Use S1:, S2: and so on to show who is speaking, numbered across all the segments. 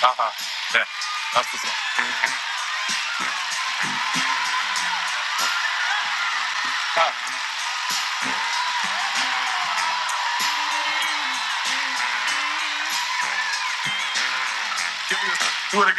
S1: Uh-huh. Yeah. That's what's up. Uh, give me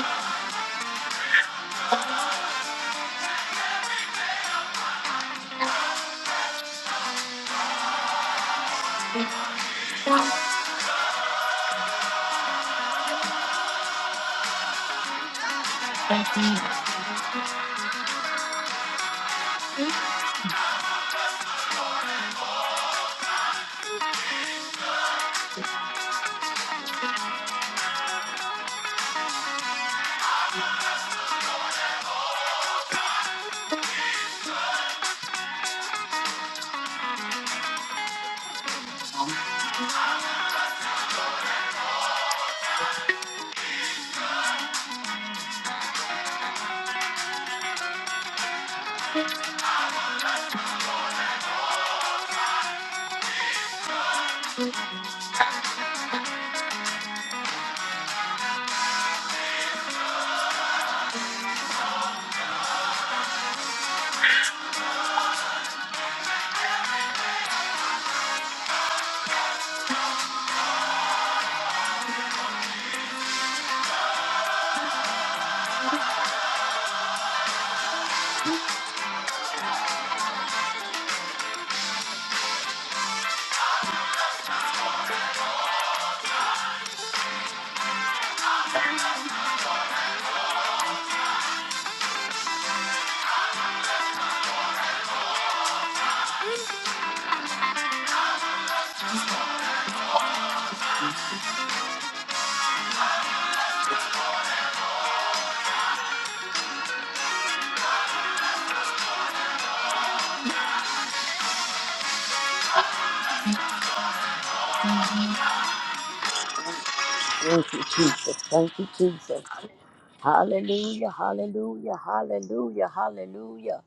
S1: this. Do it again, please.
S2: Thank you, Jesus. Thank you, Jesus. Hallelujah, hallelujah, hallelujah, hallelujah.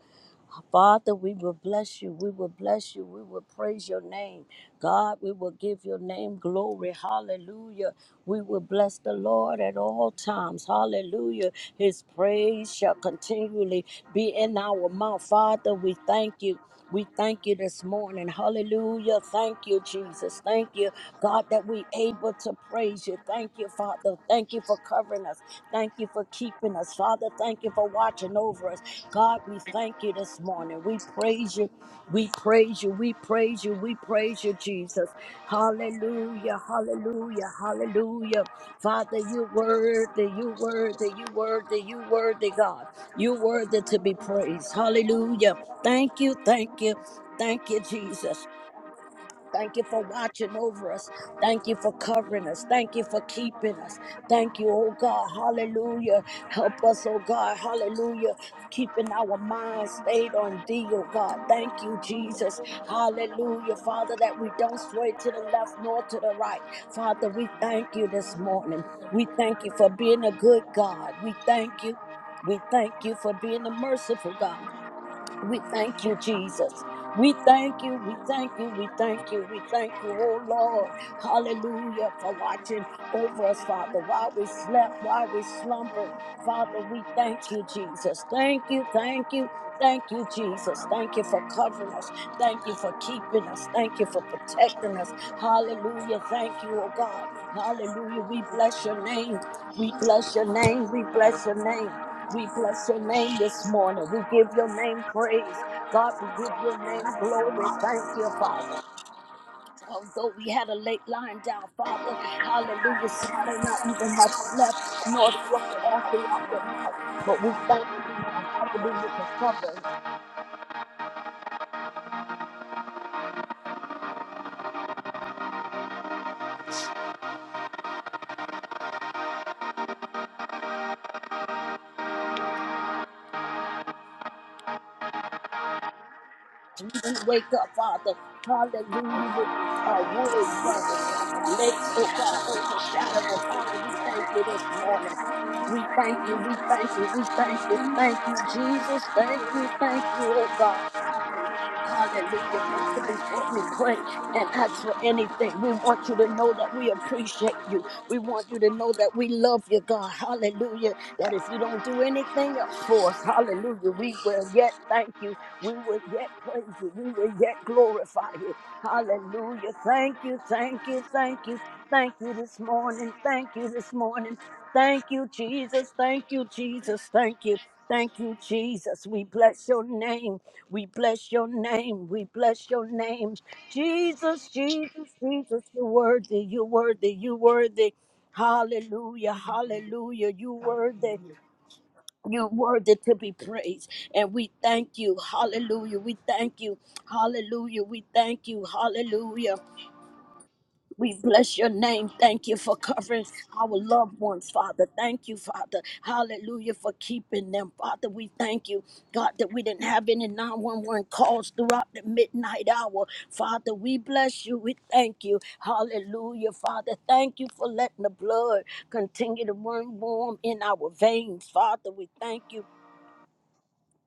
S2: Father, we will bless you. We will bless you. We will praise your name. God, we will give your name glory. Hallelujah. We will bless the Lord at all times. Hallelujah. His praise shall continually be in our mouth. Father, we thank you. We thank you this morning. Hallelujah. Thank you, Jesus. Thank you, God, that we able to praise you. Thank you, Father. Thank you for covering us. Thank you for keeping us, Father. Thank you for watching over us. God, we thank you this morning. We praise you. We praise you. We praise you. We praise you, Jesus. Hallelujah. Hallelujah. Hallelujah. Father, you worthy. You worthy. You worthy. You worthy, God. You worthy to be praised. Hallelujah. Thank you. Thank you. Thank you, Jesus. Thank you for watching over us. Thank you for covering us. Thank you for keeping us. Thank you, oh God. Hallelujah. Help us, oh God. Hallelujah. Keeping our minds stayed on thee, oh God. Thank you, Jesus. Hallelujah. Father, that we don't sway to the left nor to the right. Father, we thank you this morning. We thank you for being a good God. We thank you. We thank you for being a merciful God. We thank you, Jesus. We thank you, we thank you, we thank you, we thank you, oh Lord. Hallelujah for watching over us, Father, while we slept, while we slumbered. Father, we thank you, Jesus. Thank you, thank you, thank you, Jesus. Thank you for covering us. Thank you for keeping us. Thank you for protecting us. Hallelujah. Thank you, oh God. Hallelujah. We bless your name. We bless your name. We bless your name. We bless your name this morning. We give your name praise. God, we give your name glory. Thank you, Father. Although we had a late lying down, Father, hallelujah, some may not even have slept nor slumbered all throughout the night. But we thank you, God, hallelujah, for covering us. We wake up, Father. Hallelujah, with uh, wood burning and let's, oh God, overshadow us. Father, we thank you this morning. We thank you, we thank you, we thank you. Thank you, Jesus. Thank you, thank you, oh God. Hallelujah, Father. Before we pray and ask for anything, we want you to know that we appreciate you. We want you to know that we love you, God. Hallelujah. That if you don't do anything else for us, hallelujah, we will yet thank you. We will yet praise you. We will yet glorify you. Hallelujah. Thank you, thank you, thank you. Thank you this morning. Thank you this morning. Thank you, Jesus. Thank you, Jesus. Thank you. Thank you, Jesus. We bless your name. We bless your name. We bless your name. Jesus, Jesus, Jesus, you're worthy. You're worthy. You're worthy. Hallelujah. Hallelujah. You're worthy. You're worthy to be praised. And we thank you. Hallelujah. We thank you. Hallelujah. We thank you. Hallelujah. We bless your name. Thank you for covering our loved ones, Father. Thank you, Father. Hallelujah for keeping them, Father. We thank you, God, that we didn't have any 911 calls throughout the midnight hour. Father, we bless you. We thank you. Hallelujah, Father. Thank you for letting the blood continue to run warm in our veins, Father. We thank you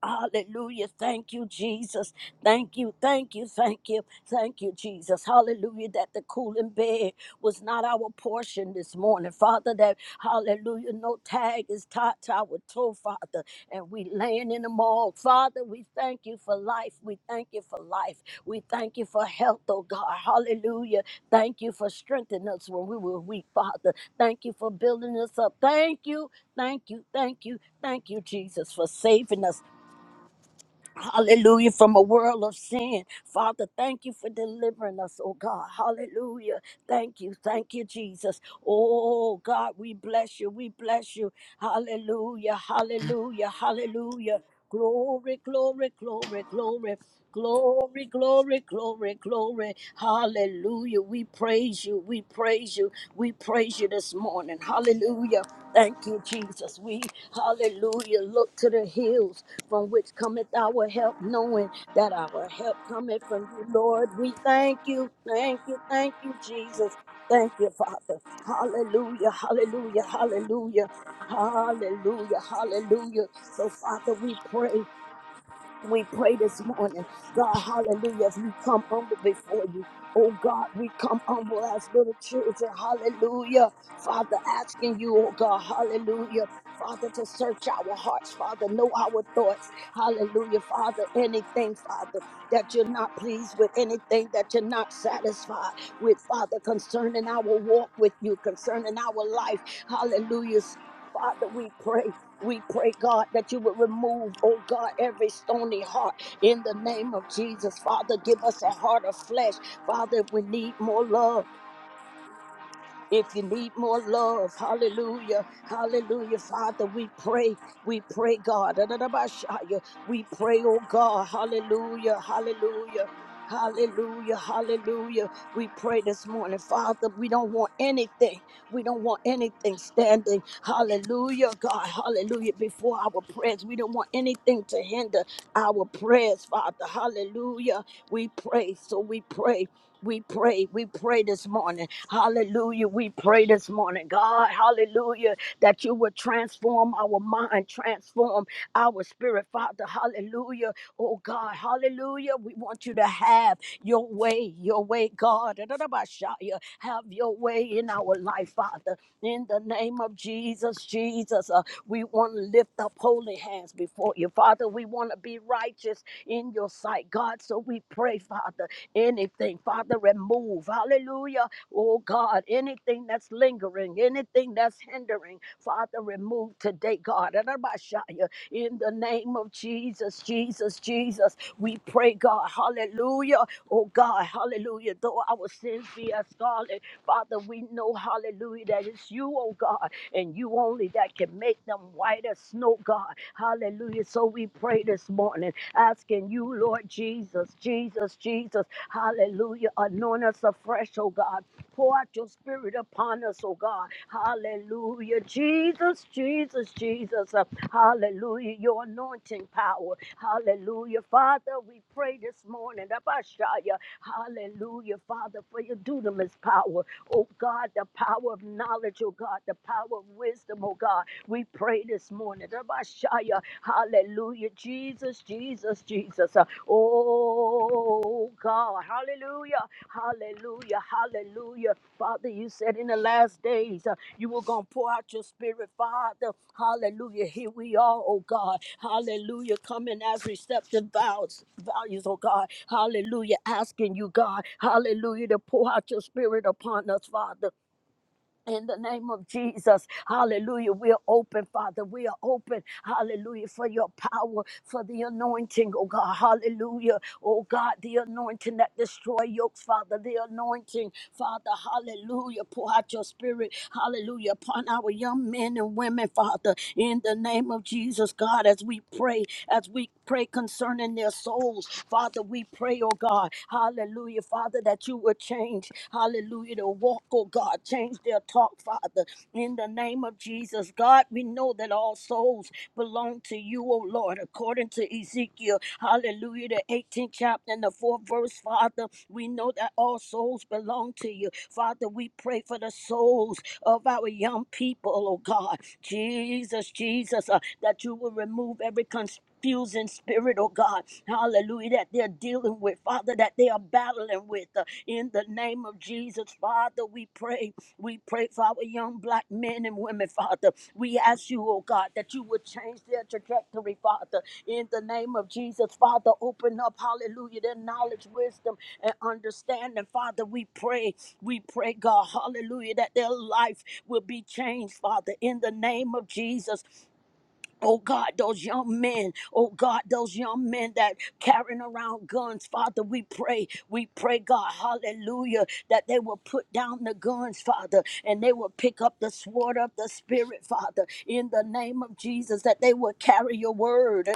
S2: Hallelujah. Thank you, Jesus. Thank you, thank you, thank you, thank you, Jesus. Hallelujah. That the cooling bed was not our portion this morning. Father, that hallelujah, no tag is tied to our toe, Father. And we laying in the mall. Father, we thank you for life. We thank you for life. We thank you for health, oh God. Hallelujah. Thank you for strengthening us when we were weak, Father. Thank you for building us up. Thank you, thank you, thank you, thank you, Jesus, for saving us. Hallelujah. From a world of sin. Father, thank you for delivering us, oh God. Hallelujah. Thank you. Thank you, Jesus. Oh God, we bless you. We bless you. Hallelujah. Hallelujah. Hallelujah. Glory, glory, glory, glory. Glory, glory, glory, glory. Hallelujah. We praise you. We praise you. We praise you this morning. Hallelujah. Thank you, Jesus. We, hallelujah, look to the hills from which cometh our help, knowing that our help cometh from you, Lord. We thank you, thank you, thank you, Jesus. Thank you, Father. Hallelujah, hallelujah, hallelujah. Hallelujah, hallelujah. So, Father, we pray. We pray this morning, God, hallelujah, as we come humble before you. Oh God, we come humble as little children, hallelujah. Father, asking you, oh God, hallelujah. Father, to search our hearts, Father, know our thoughts, hallelujah, Father. Anything, Father, that you're not pleased with, anything that you're not satisfied with, Father, concerning our walk with you, concerning our life, hallelujah. Father, we pray. We pray, God, that you would remove, oh God, every stony heart in the name of Jesus. Father, give us a heart of flesh. Father, we need more love. If you need more love, hallelujah, hallelujah, Father, we pray, we pray, God. Da-da-da-ba-shaya. We pray, oh God, hallelujah, hallelujah. Hallelujah, hallelujah. We pray this morning, Father. We don't want anything. We don't want anything standing. Hallelujah, God. Hallelujah. Before our prayers, we don't want anything to hinder our prayers, Father. Hallelujah. We pray, so we pray. We pray, we pray this morning. Hallelujah. We pray this morning, God. Hallelujah. That you would transform our mind, transform our spirit, Father. Hallelujah. Oh, God. Hallelujah. We want you to have. Your way, your way, God. Adonabashaya. Have your way in our life, Father. In the name of Jesus, Jesus, uh, we want to lift up holy hands before you, Father. We want to be righteous in your sight, God. So we pray, Father, anything, Father move. Hallelujah. Oh God, anything that's lingering, anything that's hindering, Father, remove today, God. Arabashaya, In the name of Jesus, Jesus, Jesus, we pray, God. Hallelujah. Oh God, hallelujah. Though our sins be as scarlet, Father, we know, hallelujah, that it's you, oh God, and you only that can make them white as snow, God. Hallelujah. So we pray this morning, asking you, Lord Jesus, Jesus, Jesus. Hallelujah. Anoint us afresh, oh God. Pour out your spirit upon us, oh God. Hallelujah. Jesus, Jesus, Jesus. Uh, Hallelujah. Your anointing power. Hallelujah. Father, we pray this morning. Abashaya. Hallelujah. Father, for your dunamis power. Oh God, the power of knowledge, oh God, the power of wisdom, oh God. We pray this morning. Abashaya. Hallelujah. Jesus, Jesus, Jesus. Uh, Oh God, hallelujah, hallelujah, hallelujah. Father, you said in the last days uh, you were going to pour out your spirit, Father. Hallelujah. Here we are, oh God. Hallelujah. Coming as receptive vows, values, oh God. Hallelujah. Asking you, God. Hallelujah. To pour out your spirit upon us, Father in the name of Jesus, hallelujah. We're open, Father. We are open, hallelujah, for your power, for the anointing, oh God, hallelujah. Oh God, the anointing that destroy yokes, Father. The anointing, Father, hallelujah. Pour out your spirit, hallelujah, upon our young men and women, Father, in the name of Jesus, God, as we pray, as we pray concerning their souls, Father, we pray, oh God, hallelujah, Father, that you would change, hallelujah, to walk, oh God, change change their talk, Father. In the name of Jesus, God, we know that all souls belong to you, O Lord, according to Ezekiel. Hallelujah, the 18th chapter and the 4th verse, Father. We know that all souls belong to you. Father, we pray for the souls of our young people, oh God. Jesus, Jesus, uh, that you will remove every confusing spirit, oh God. Hallelujah, that they're dealing with, Father, that they are battling with. uh, in the name of Jesus, Father, we pray we pray for our young black men and women, Father. We ask you, oh God, that you would change their trajectory, Father. In the name of Jesus, Father, open up, hallelujah, their knowledge, wisdom, and understanding. Father, we pray, we pray, God, hallelujah, that their life will be changed, Father, in the name of Jesus. Oh God, those young men, oh God, those young men that carrying around guns, Father, we pray, we pray, God, hallelujah, that they will put down the guns, Father, and they will pick up the sword of the Spirit, Father, in the name of Jesus, that they will carry your word,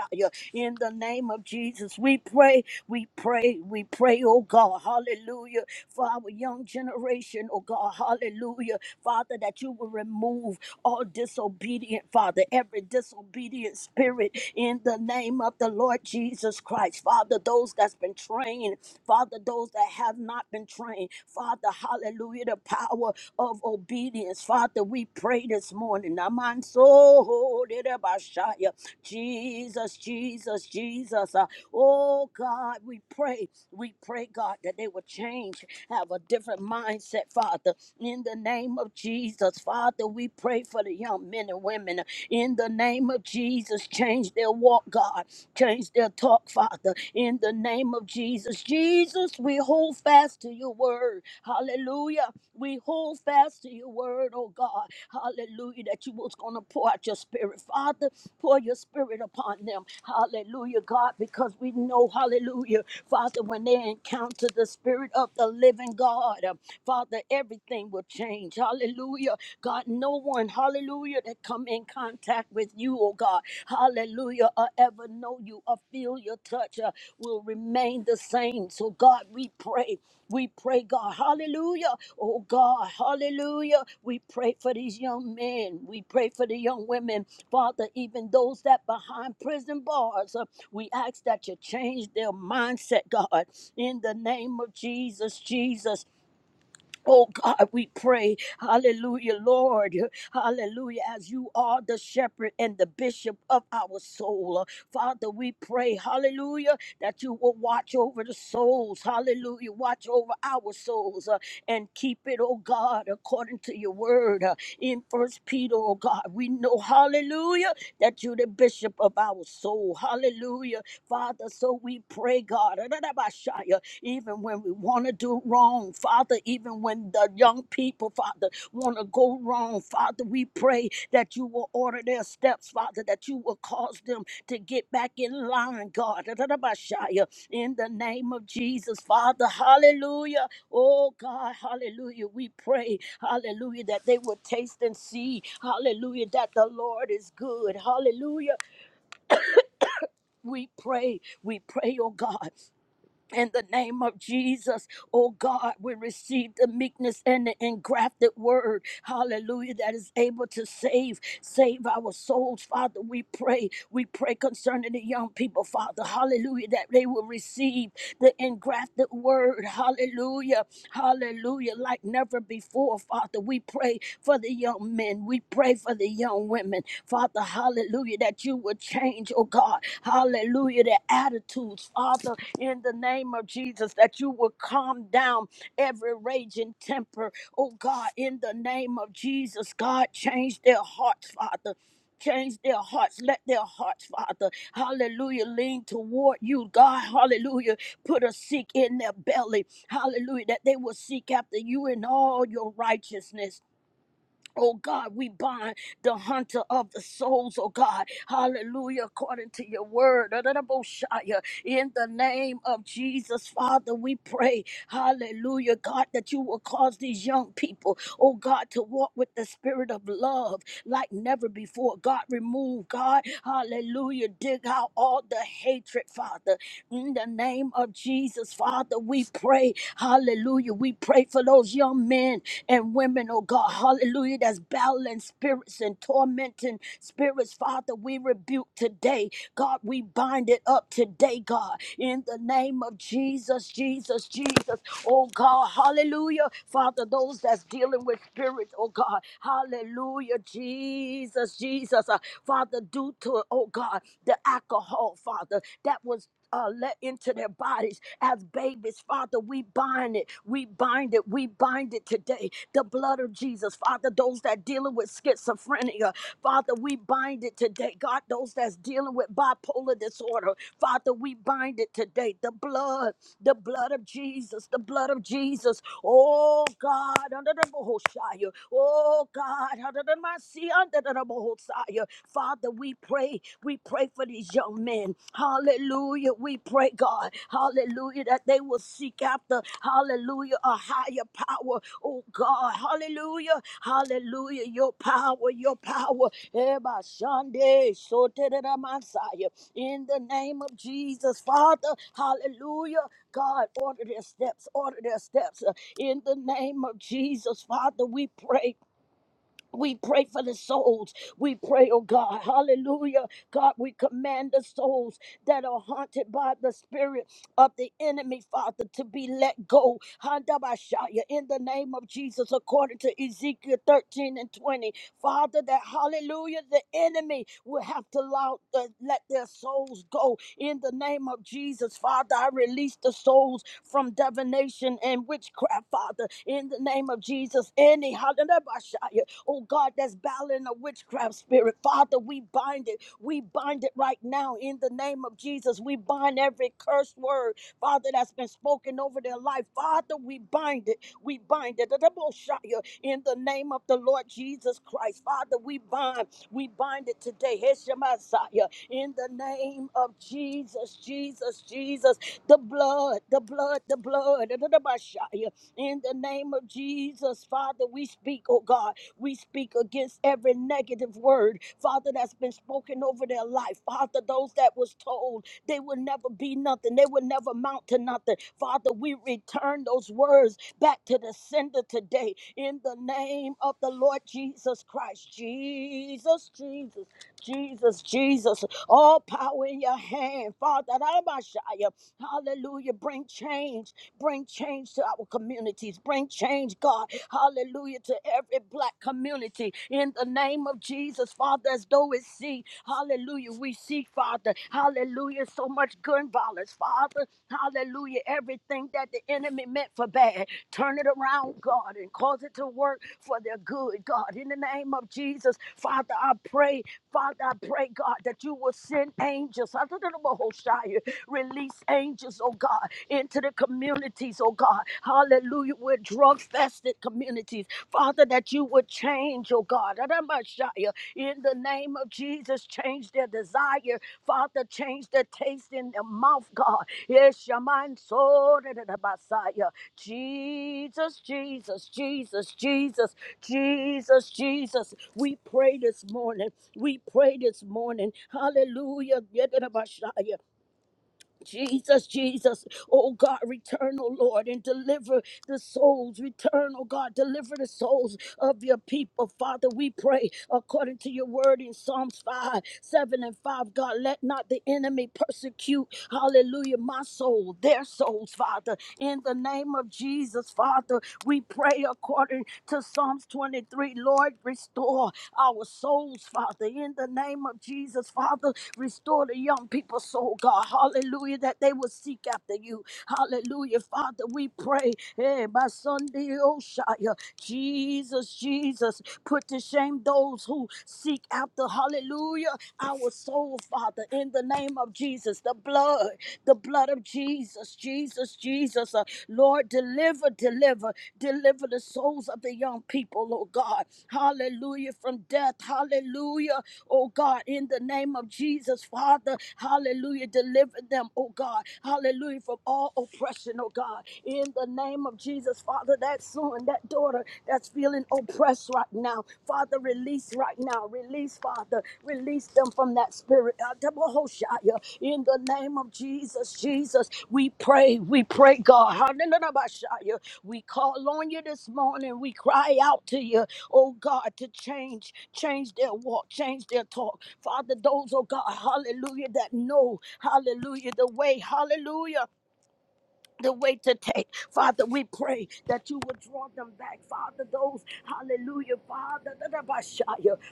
S2: in the name of Jesus, we pray, we pray, we pray, oh God, hallelujah, for our young generation, oh God, hallelujah, Father, that you will remove all disobedient, Father, every disobedient spirit in the name of the Lord Jesus Christ. Father, those that's been trained, Father, those that have not been trained, Father, hallelujah, the power of obedience. Father, we pray this morning. Aman so hoderabashaya. Jesus, Jesus, Jesus. Uh, Oh God, we pray. We pray, God, that they will change have a different mindset, Father. In the name of Jesus, Father, we pray for the young men and women. In the name of Jesus, change their walk, God Change their talk, Father, in the name of Jesus. Jesus, we hold fast to your word. Hallelujah. We hold fast to your word, oh God. Hallelujah. That you was going to pour out your spirit. Father, pour your spirit upon them. Hallelujah, God, because we know, hallelujah, Father, when they encounter the spirit of the living God, uh, Father, everything will change. Hallelujah. God, no one, hallelujah hallelujah, that come in contact with you, oh God, hallelujah, or ever know you or feel your touch uh, will remain the same. So, God, we pray. We pray, God, hallelujah, oh God, hallelujah. We pray for these young men. We pray for the young women, Father, even those that behind prison bars. uh, we ask that you change their mindset, God, in the name of Jesus, Jesus. Oh God, we pray, hallelujah, Lord, hallelujah, as you are the shepherd and the bishop of our soul. Father, we pray, hallelujah, that you will watch over the souls, hallelujah, watch over our souls uh, and keep it, oh God, according to your word. uh, in First Peter, oh God, we know, hallelujah, that you're the bishop of our soul, hallelujah, Father. So we pray, God, even when we want to do wrong, Father, even when the young people, Father, want to go wrong, Father, we pray that you will order their steps, Father, that you will cause them to get back in line, God. In the name of Jesus, Father, hallelujah. Oh, God, hallelujah. We pray, hallelujah, that they will taste and see, hallelujah, that the Lord is good, hallelujah. We pray, we pray, oh God. In the name of Jesus, oh God, we receive the meekness and the engrafted word, hallelujah, that is able to save, save our souls, Father. We pray, we pray concerning the young people, Father, hallelujah, that they will receive the engrafted word, hallelujah, hallelujah, like never before before, Father. We pray for the young men. We pray for the young women. Father, hallelujah, that you would change, oh God. Hallelujah, their attitudes, Father, in the name of Jesus, that you would calm down every raging temper, oh God, in the name of Jesus. God, change their hearts, Father. Change their hearts. Let their hearts, Father, hallelujah, lean toward you, God, hallelujah put a seek in their belly. Hallelujah. That they will seek after you in all your righteousness. Oh God, we bind the hunter of the souls, oh God. Hallelujah, according to your word. Adonai-Boshaya. In the name of Jesus, Father, we pray, hallelujah, God, that you will cause these young people, oh God, to walk with the spirit of love like never before. God, remove, God, hallelujah, dig out all the hatred, Father. In the name of Jesus, Father, we pray, hallelujah. We pray for those young men and women, oh God, hallelujah, that's battling spirits and tormenting spirits, Father. We rebuke today, God, we bind it up today, God, in the name of Jesus, Jesus, Jesus, oh God, hallelujah, Father. Those that's dealing with spirits, oh God, hallelujah. Hallelujah, Jesus, Jesus. Uh, Father, due to, oh God, the alcohol, Father, that was. Uh, let into their bodies as babies, Father. We bind it, we bind it, we bind it today. The blood of Jesus, Father. Those that dealing with schizophrenia, Father, we bind it today. God, those that's dealing with bipolar disorder, Father, we bind it today. The blood, the blood of Jesus, the blood of Jesus. Oh God, under the Bohoshaya. Oh God. God. Father, we pray. We pray for these young men. Hallelujah. We pray, God. Hallelujah. That they will seek after, hallelujah, a higher power. Oh, God. Hallelujah. Hallelujah. Your power, your power. Eba shande soterera masaya. In the name of Jesus, Father. Hallelujah. God, order their steps, order their steps. In the name of Jesus, Father, we pray. We pray for the souls. We pray, oh God, hallelujah. God, we command the souls that are haunted by the spirit of the enemy, Father, to be let go. Handabashaya, In the name of Jesus, according to Ezekiel 13 and 20, Father, that hallelujah, the enemy will have to allow, uh, let their souls go. In the name of Jesus, Father, I release the souls from divination and witchcraft, Father. In the name of Jesus, any hallelujah oh God, that's battling a witchcraft spirit. Father, we bind it. We bind it right now in the name of Jesus. We bind every cursed word, Father, that's been spoken over their life. Father, we bind it. We bind it. Adaboshaya, In the name of the Lord Jesus Christ. Father, we bind. We bind it today. Heshamasaya, In the name of Jesus, Jesus, Jesus. The blood, the blood, the blood. Adabashaya, In the name of Jesus, Father, we speak, oh God. We speak against every negative word, Father, that's been spoken over their life. Father, those that was told they would never be nothing, they would never amount to nothing. Father, we return those words back to the sender today in the name of the Lord Jesus Christ. Jesus, Jesus, Jesus, Jesus. All power in your hand, Father. Ramashaya. Hallelujah. Bring change. Bring change to our communities. Bring change, God. Hallelujah to every black community. In the name of Jesus, Father, as though it see. Hallelujah. We see, Father. Hallelujah. So much gun violence, Father. Hallelujah. Everything that the enemy meant for bad. Turn it around, God, and cause it to work for their good, God. In the name of Jesus, Father, I pray, Father, I pray, God, that you will send angels. Hallelujah. Release angels, oh God, into the communities, oh God. Hallelujah. We're drug fested communities. Father, that you would change, oh God. Hallelujah. In the name of Jesus, change their desire. Father, change their taste in their mouth, God. Yes, Shaman, so Jesus, Jesus, Jesus, Jesus, Jesus, Jesus. We pray this morning. We pray this morning. Hallelujah. Jesus, Jesus, oh God, return, oh Lord, and deliver the souls. Return, oh God, deliver the souls of your people. Father, we pray according to your word in Psalms 5, 7, and 5. God, let not the enemy persecute, hallelujah, my soul, their souls, Father. In the name of Jesus, Father, we pray according to Psalms 23. Lord, restore our souls, Father, in the name of Jesus, Father. Restore the young people's soul, God. Hallelujah, that they will seek after you. Hallelujah, Father. We pray, hey, by Sunday, Oshaya, Jesus, Jesus, put to shame those who seek after, hallelujah, our soul, Father, in the name of Jesus. The blood, the blood of Jesus, Jesus, Jesus. Uh, Lord, deliver, deliver, deliver the souls of the young people, oh God. Hallelujah, from death. Hallelujah, oh God, in the name of Jesus, Father. Hallelujah, deliver them, oh God. Hallelujah, from all oppression, oh God. In the name of Jesus, Father, that son, that daughter that's feeling oppressed right now. Father, release right now. Release, Father. Release them from that spirit. Uh, double Hoshaya. In the name of Jesus, Jesus, we pray. We pray, God. Hallelujah. We call on you this morning. We cry out to you, oh God, to change, change their walk, change their talk. Father, those, oh God, hallelujah, that know, hallelujah, the way, hallelujah the way to take. Father, we pray that you would draw them back. Father, those, hallelujah, Father, da- da- ba-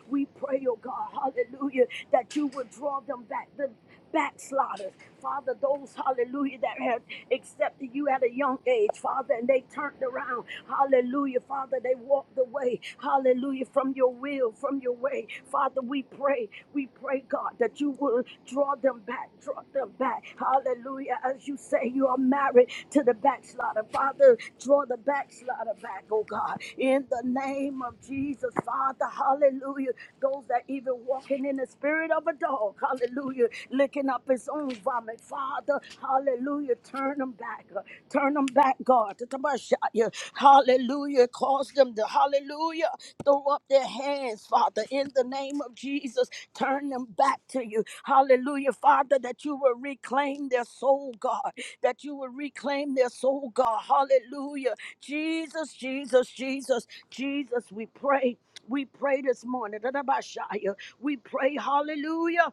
S2: we pray, oh God, hallelujah, that you would draw them back. The backsliders, Father, those, hallelujah, that have accepted you at a young age, Father, and they turned around. Hallelujah, Father, they walked away. Hallelujah, from your will, from your way. Father, we pray, we pray, God, that you will draw them back, draw them back. Hallelujah. As you say, you are married to the backslider. Father, draw the backslider back, oh God. In the name of Jesus, Father, hallelujah. Those that even walking in the spirit of a dog, hallelujah, licking up his own vomit. Father, hallelujah. Turn them back. uh, Turn them back, God. Hallelujah. Hallelujah. Cause them to, hallelujah, throw up their hands, Father, in the name of Jesus. Turn them back to you. Hallelujah, Father, that you will reclaim their soul, God. That you will reclaim their soul, God. Hallelujah. Jesus, Jesus, Jesus, Jesus, we pray. We pray this morning. We pray, hallelujah.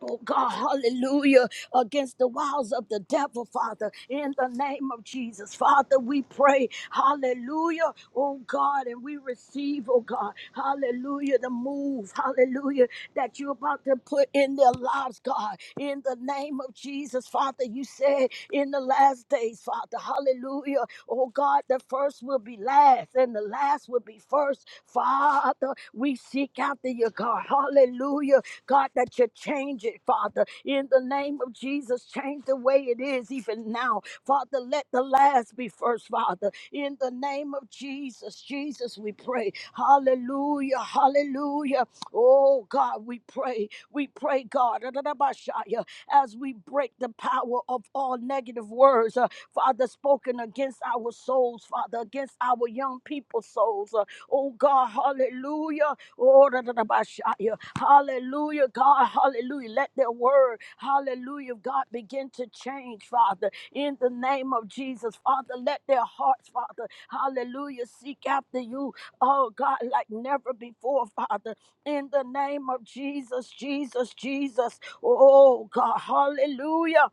S2: Oh God, hallelujah, against the wiles of the devil, Father, in the name of Jesus. Father, we pray, hallelujah, oh God, and we receive, oh God, hallelujah, the move, hallelujah, that you're about to put in their lives, God, in the name of Jesus, Father. You said in the last days, Father, hallelujah, Oh God, the first will be last and the last will be first. Father, we seek after you, God. Hallelujah. God, that you change it, Father. In the name of Jesus, change the way it is even now. Father, let the last be first, Father. In the name of Jesus, Jesus, we pray. Hallelujah. Hallelujah. Oh God, we pray. We pray, God, as we break the power of all negative words. uh, Father, spoken against our souls, Father, against our young people's souls. Uh, oh God, hallelujah. Oh, da, da, da, ba, sha, ya. Hallelujah, God, hallelujah. Let their word, hallelujah, God, begin to change, Father, in the name of Jesus. Father, let their hearts, Father, hallelujah, seek after you, oh God, like never before, Father, in the name of Jesus, Jesus, Jesus. Oh God, hallelujah.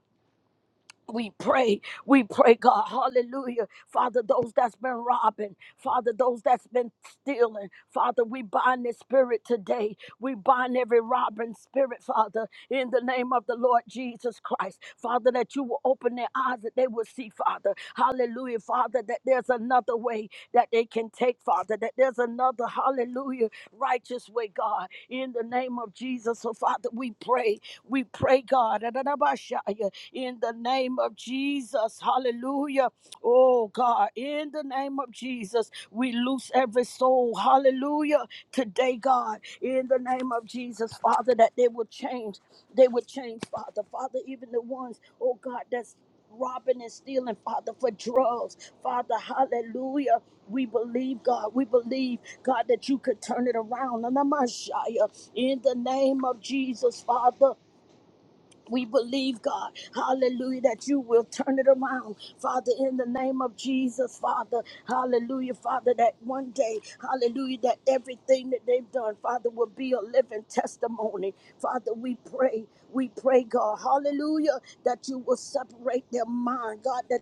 S2: We pray, we pray, God, hallelujah. Father, those that's been robbing, Father, those that's been stealing, Father, we bind this spirit today. We bind every robbing spirit, Father in the name of the Lord Jesus Christ. Father, that you will open their eyes that they will see, Father. Hallelujah, Father, that there's another way that they can take, Father, that there's another, hallelujah, righteous way, God, in the name of Jesus. So, Father, we pray, we pray, God, in the name of Jesus, hallelujah. Oh, God, in the name of of Jesus, we loose every soul. Hallelujah. Today, God, in the name of Jesus, Father, that they will change. They will change, Father. Father, even the ones, oh God, that's robbing and stealing, Father, for drugs. Father, hallelujah. We believe, God. We believe, God, that you could turn it around. And I'm not shy. uh, In the name of Jesus, Father. We believe, God, hallelujah, that you will turn it around, Father, in the name of Jesus, Father, hallelujah, Father, that one day, hallelujah, that everything that they've done, Father, will be a living testimony. Father, we pray, we pray, God, hallelujah, that you will separate their mind, God, that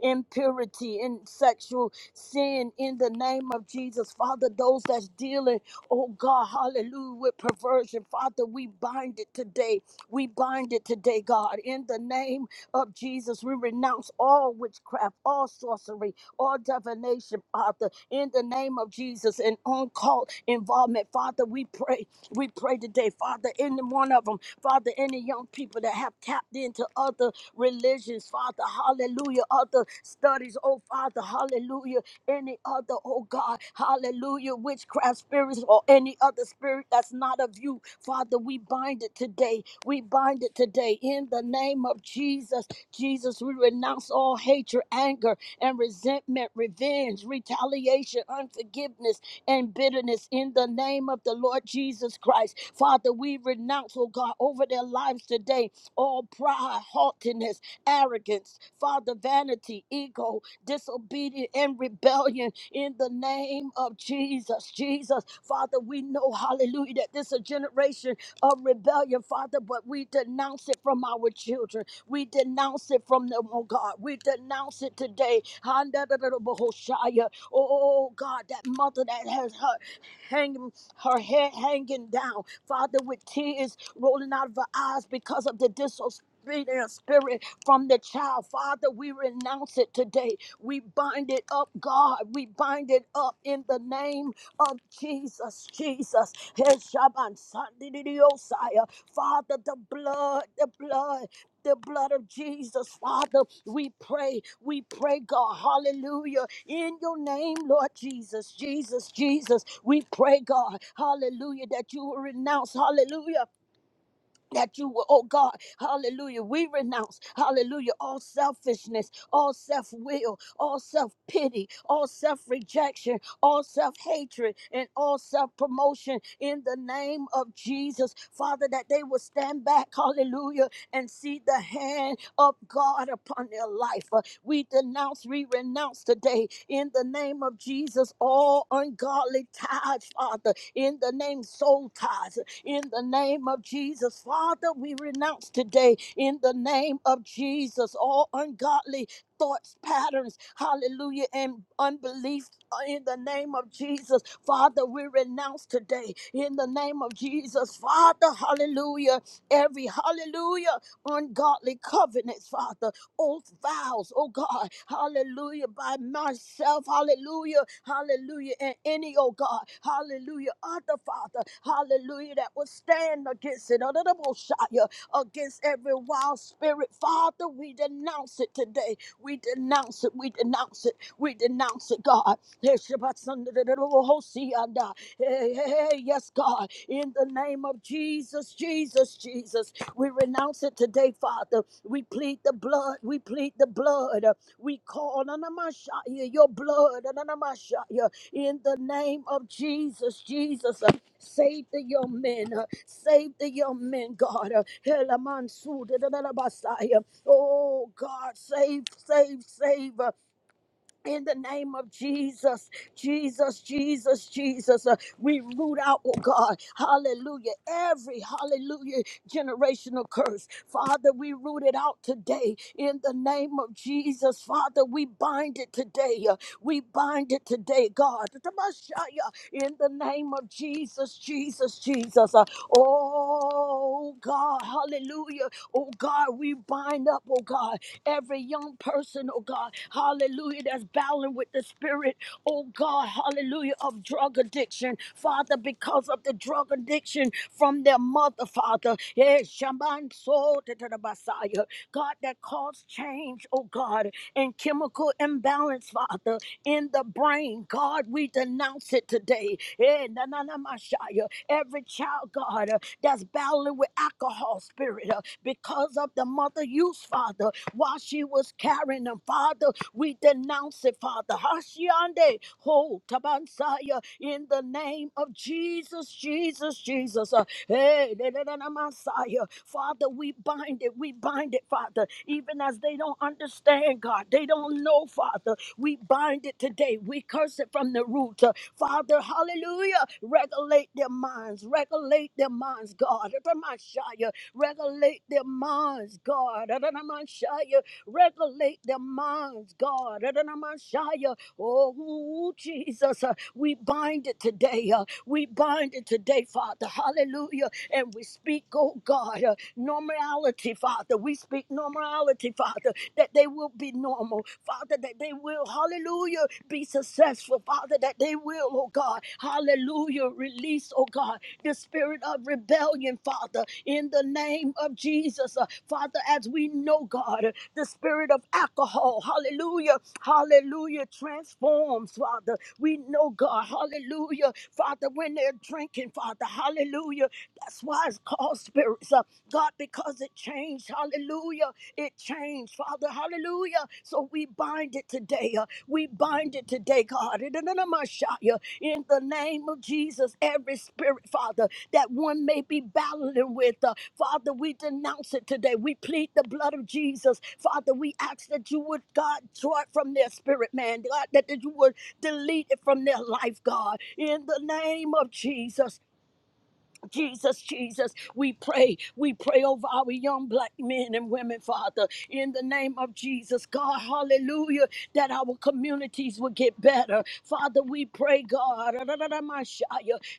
S2: impurity, in sexual sin in the name of Jesus. Father, those that's dealing, oh God, hallelujah, with perversion, Father, we bind it today. We bind it today, God. In the name of Jesus, we renounce all witchcraft, all sorcery, all divination, Father. In the name of Jesus, and uncalled involvement, Father, we pray. We pray today, Father, any one of them, Father, any young people that have tapped into other religions, Father, hallelujah, other studies, oh Father, hallelujah, any other, oh God, hallelujah, witchcraft spirits or any other spirit that's not of you, Father, we bind it today. We bind it today in the name of Jesus. Jesus, we renounce all hatred, anger, and resentment, revenge, retaliation, unforgiveness, and bitterness in the name of the Lord Jesus Christ. Father, we renounce, oh God, over their lives today all pride, haughtiness, arrogance, Father, vanity, ego, disobedience, and rebellion in the name of Jesus. Jesus, Father, we know, hallelujah, that this is a generation of rebellion, Father, but we denounce it from our children. We denounce it from them, oh God. We denounce it today. Handadadadabahoshaya. Oh oh, oh, God, that mother that has her hanging her head hanging down. Father, with tears rolling out of our eyes because of the disobedience spirit from the child. Father, we renounce it today. We bind it up, God. We bind it up in the name of Jesus. Jesus. Heshaban, Sandidiosaya. Father, the blood, the blood the blood of Jesus, Father. We pray, we pray, God, hallelujah, in your name, Lord Jesus, Jesus, Jesus. We pray, God, hallelujah, that you will renounce, hallelujah that you will, oh God, hallelujah. We renounce, hallelujah, all selfishness, all self will, all self pity, all self rejection, all self hatred, and all self promotion in the name of Jesus, Father, that they will stand back, hallelujah, and see the hand of God upon their life. Uh, We denounce, we renounce today in the name of Jesus all ungodly ties, Father, in the name soul ties, in the name of Jesus. Father, we renounce today in the name of Jesus all ungodly thoughts, patterns, hallelujah, and unbelief. uh, In the name of Jesus, Father, we renounce today. In the name of Jesus, Father, hallelujah. Every hallelujah, ungodly covenants, Father old vows, oh God, hallelujah, by myself, hallelujah, hallelujah, and any, oh God, hallelujah, other Father, hallelujah, that will stand against it, under the Most against every wild spirit, Father, we denounce it today, we denounce it, we denounce it, we denounce it, God, Hey, Sunday, the uh, hey, hey, hey, yes, God, in the name of Jesus, Jesus, Jesus. We renounce it today, Father. We plead the blood. We plead the blood. We call on your blood Anamashaya, in the name of Jesus. Jesus, uh, save the young men. uh, Save the young men, God. uh, Helamansu, da, da, Oh, God, save, save, save in the name of Jesus, Jesus, Jesus, Jesus, uh, we root out, oh God, hallelujah, every hallelujah generational curse. Father, we root it out today in the name of Jesus. Father, we bind it today. uh, we bind it today, God. Tamashaya, In the name of Jesus, Jesus, Jesus. uh, oh God, hallelujah. Oh God, we bind up, oh God. Every young person, oh God, hallelujah, that's battling with the spirit, oh God, hallelujah, of drug addiction, Father, because of the drug addiction from their mother, Father. Yes, Shaman sold to the Messiah. God, that caused change, oh God, and chemical imbalance, Father, in the brain. God, we denounce it today. Eh, na, na, na, Messiah. Every child, God, uh, that's battling with alcohol spirit. uh, because of the mother use, Father, while she was carrying them, Father. We denounce it, Father. Hashiande, ho, tabansaya, in the name of Jesus, Jesus, Jesus. Uh, Hey, da, da, da, da, Messiah. Father, we bind it, we bind it, Father. Even as they don't understand, God, they don't know, Father. We bind it today. We curse it from the root. Uh, Father, hallelujah. Regulate their minds, regulate their minds, God. Messiah. Regulate their minds, God. Adonamashaya. Regulate their minds, God. Adonamashaya. Oh, Jesus. uh, We bind it today. uh, We bind it today, Father. Hallelujah. And we speak, oh God. uh, normality, Father. We speak normality, Father, that they will be normal, Father, that they will, hallelujah, be successful, Father, that they will, oh God, hallelujah, release, oh God, the spirit of rebellion, Father, in the name of Jesus, Uh, Father, as we know, God, uh, the spirit of alcohol, hallelujah, hallelujah, transforms, Father. We know, God, hallelujah, Father, when they're drinking, Father, hallelujah. That's that's why it's called spirits, uh, God, because it changed. Hallelujah. It changed, Father. Hallelujah. So we bind it today. uh, we bind it today, God. In the name of Messiah, in the name of Jesus, every spirit, Father, that one may be battling with, uh, Father, we denounce it today. We plead the blood of Jesus. Father, we ask that you would, God, draw it from their spirit, man. God, that that you would delete it from their life, God. In the name of Jesus, Jesus, Jesus, we pray. We pray over our young black men and women, Father, in the name of Jesus. God, hallelujah, that our communities will get better. Father, we pray, God, Ra-ra-ra-ra-ma-shia.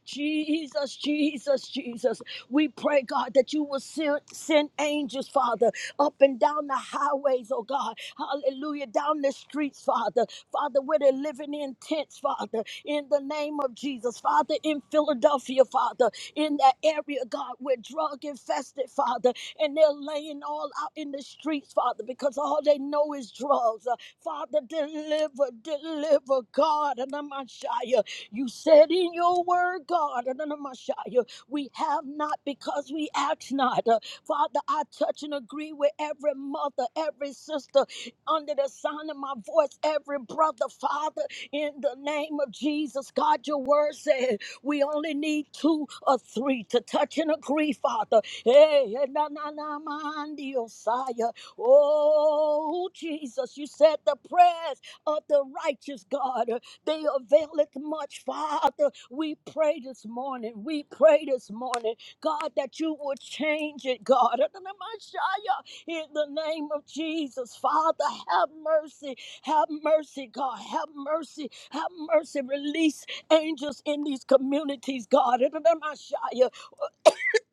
S2: Jesus, Jesus, Jesus, we pray, God, that you will send, send angels, Father, up and down the highways, oh God, hallelujah, down the streets, Father, Father, where they're living in tents, Father, in the name of Jesus, Father, in Philadelphia, Father in that area, God, we're drug infested, Father, and they're laying all out in the streets, Father, because all they know is drugs. Uh, Father, deliver, deliver, God, and Messiah. You said in your word, God, and Messiah, we have not because we ask not. Uh, Father, I touch and agree with every mother, every sister under the sound of my voice, every brother, Father, in the name of Jesus. God, your word says. We only need two or three to touch and agree, Father. Hey, eh, na na na mandi osaya. Oh, Jesus, you said the prayers of the righteous God, uh, they availeth much, Father. We pray this morning. We pray this morning, God, that you would change it, God. Na na mashaya. In the name of Jesus, Father, have mercy. Have mercy, God. Have mercy. Have mercy. Release angels in these communities, God.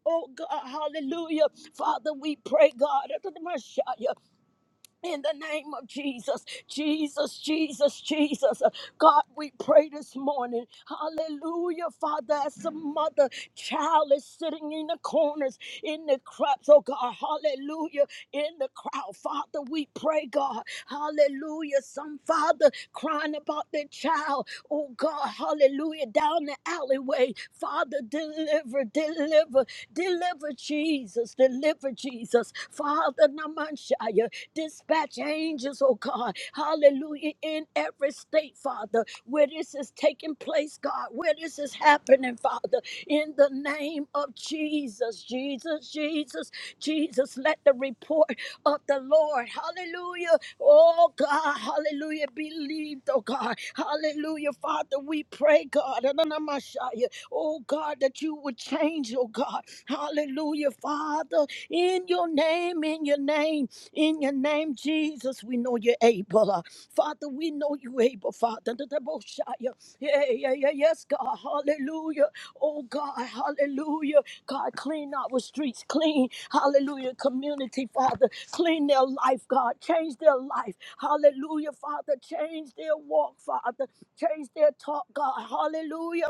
S2: Oh, God, hallelujah. Father, we pray, God. In the name of Jesus, Jesus, Jesus, Jesus. God, we pray this morning. Hallelujah, Father. As a mother, child is sitting in the corners, in the cracks, oh God. Hallelujah, in the crowd. Father, we pray, God. Hallelujah. Some father crying about their child, oh God. Hallelujah, down the alleyway. Father, deliver, deliver, deliver Jesus, deliver Jesus. Father, Namanshaya. Dispatch angels, oh God. Hallelujah. In every state, Father, where this is taking place, God, where this is happening, Father, in the name of Jesus, Jesus, Jesus, Jesus, let the report of the Lord. Hallelujah. Oh God, hallelujah. Believed, oh God. Hallelujah. Father, we pray, God. Ananamashaya. Oh God, that you would change, oh God. Hallelujah, Father. In your name, in your name, in your name, Jesus, we know you're able. Uh, Father, we know you're able, Father. Ananamashaya. Yeah, yeah, yeah, yes, God. Hallelujah. Oh God, hallelujah. God, clean our streets clean. Hallelujah. Community, Father, clean their life, God. Change their life. Hallelujah, Father. Change their walk, Father. Change their talk, God. Hallelujah.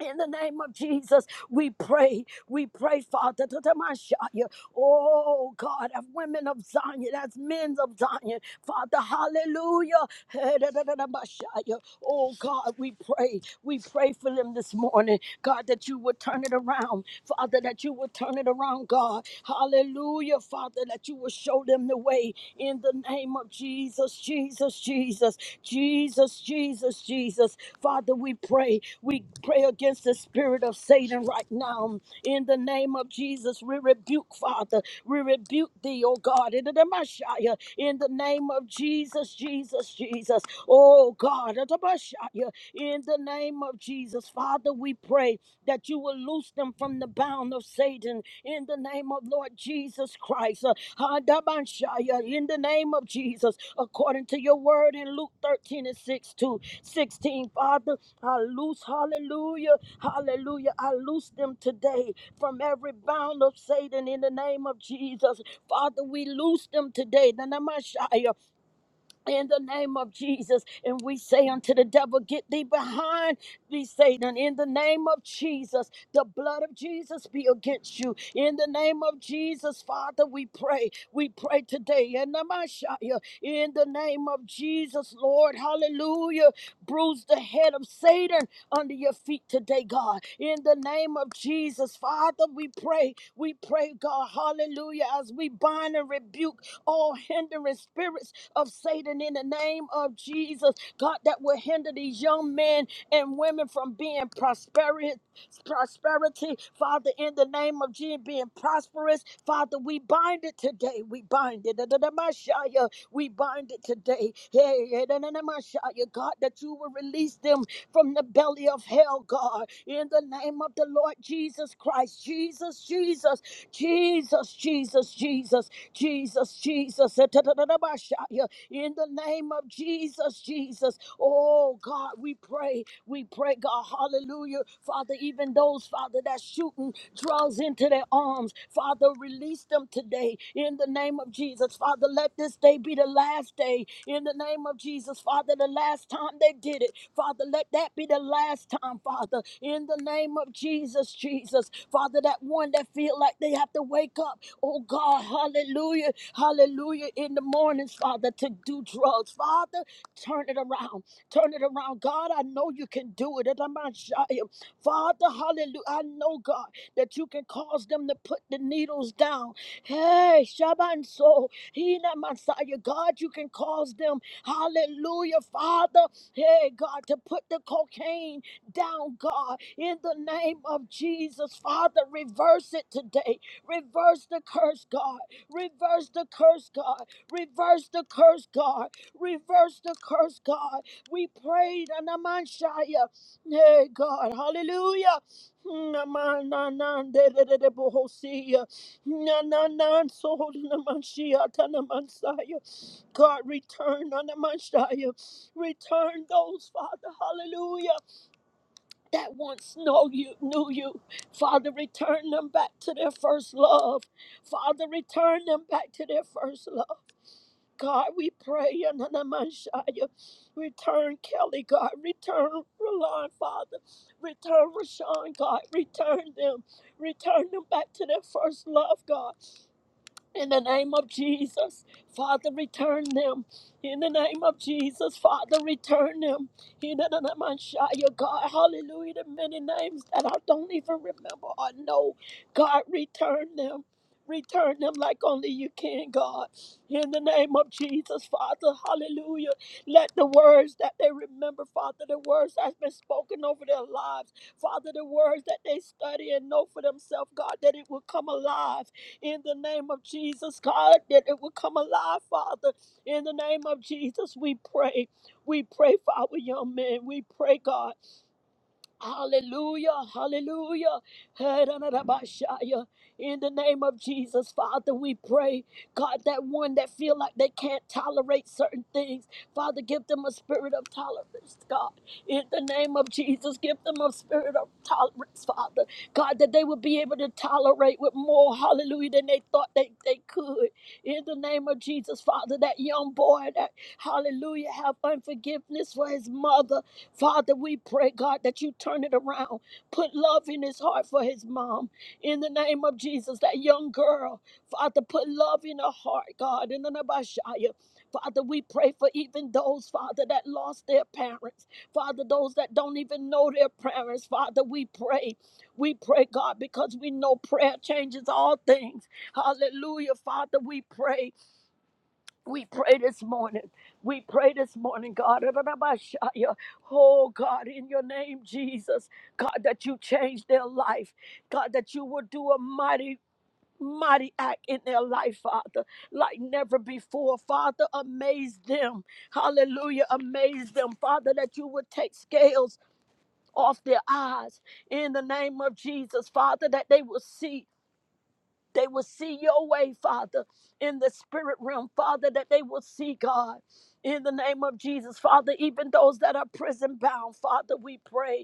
S2: In the name of Jesus, we pray. We pray, Father, to the Messiah. Oh God, as women of Zion, as men of Zion, Father, hallelujah. Oh God, we pray. We pray for them this morning. God, that you would turn it around. Father, that you would turn it around, God. Hallelujah, Father, that you would show them the way in the name of Jesus, Jesus, Jesus, Jesus, Jesus, Jesus. Father, we pray. We pray against the spirit of Satan right now. In the name of Jesus, we rebuke, Father. We rebuke thee, oh God. In the name of Jesus, Jesus, Jesus. Jesus. Oh God, Atabashaya, in the name of Jesus, Father, we pray that you will loose them from the bound of Satan in the name of Lord Jesus Christ. Uh, In the name of Jesus, according to your word in Luke 13 and 6 to 16, Father, I loose, hallelujah, hallelujah, I loose them today from every bound of Satan in the name of Jesus. Father, we loose them today. Nanamashaya, in the name of Jesus. And we say unto the devil, Get thee behind thee, Satan, in the name of Jesus. The blood of Jesus be against you. In the name of Jesus, Father, we pray. We pray today. In the Messiah, in the name of Jesus, Lord, hallelujah. Bruise the head of Satan under your feet today, God. In the name of Jesus, Father, we pray. We pray, God, hallelujah, as we bind and rebuke all hindering spirits of Satan in the name of Jesus. God, that will hinder these young men and women from being prosperity, prosperity, Father, in the name of Jesus, being prosperous. Father, we bind it today. We bind it. Da-da-da-ma-shia. We bind it today. Hey, hey, da-da-da-ma-shia. God, that you will release them from the belly of hell, God. In the name of the Lord Jesus Christ, Jesus, Jesus, Jesus, Jesus, Jesus, Jesus, Jesus. In the name of Jesus, Jesus. Oh God, we pray, we pray, God, hallelujah. Father, even those, Father. Father, that shooting draws into their arms. Father, release them today in the name of Jesus. Father, let this day be the last day in the name of Jesus. Father, the last time they did it. Father, let that be the last time, Father, in the name of Jesus, Jesus. Father, that one that feel like they have to wake up. Oh God, hallelujah, hallelujah, in the mornings, Father, to do drugs. Father, turn it around. Turn it around. God, I know you can do it. Father, hallelujah. I know, God, that you can cause them to put the needles down. Hey, Shaban So, Hina Messiah, God, you can cause them, hallelujah, Father, hey, God, to put the cocaine down, God, in the name of Jesus. Father, reverse it today. Reverse the curse, God. Reverse the curse, God. Reverse the curse, God. Reverse the curse, God. We prayed, Anamanshaya. Hey God, hallelujah. Na ma na na de de de de bohosia. Na na na so na manshia na mansaya. God return na the manshia. Return those, Father, hallelujah, that once know you, knew you. Father, return them back to their first love. Father, return them back to their first love. God, we pray in the name of Messiah. Return Kelly, God. Return Ralon, Father. Return Rashawn, God. Return them. Return them back to their first love, God. In the name of Jesus, Father, return them. In the name of Jesus, Father, return them. In the name of Shia, God, hallelujah, the many names that I don't even remember or know. God, return them. Return them like only you can, God. In the name of Jesus, Father, hallelujah. Let the words that they remember, Father, the words that's been spoken over their lives, Father, the words that they study and know for themselves, God, that it will come alive in the name of Jesus, God, that it will come alive, Father. In the name of Jesus, we pray. We pray for our young men. We pray, God. Hallelujah, hallelujah. Hedanabashaya. In the name of Jesus, Father, we pray, God, that one that feel like they can't tolerate certain things, Father, give them a spirit of tolerance, God. In the name of Jesus, give them a spirit of tolerance, Father. God, that they would be able to tolerate with more, hallelujah, than they thought they, they could. In the name of Jesus, Father, that young boy that, hallelujah, have unforgiveness for his mother. Father, we pray, God, that you turn it around. Put love in his heart for his mom. In the name of Jesus, that young girl, Father, put love in her heart, God. In the name of Shia. Father, we pray for even those, Father, that lost their parents. Father, those that don't even know their parents. Father, we pray. We pray, God, because we know prayer changes all things. Hallelujah. Father, we pray. We pray this morning. We pray this morning, God. ra Oh, God, in your name, Jesus. God, that you change their life. God, that you will do a mighty, mighty act in their life, Father, like never before. Father, amaze them. Hallelujah. Amaze them, Father, that you would take scales. Off their eyes in the name of Jesus, Father, that they will see they will see your way, Father, in the spirit realm, Father, that they will see God in the name of Jesus. Father, even those that are prison bound, Father, we pray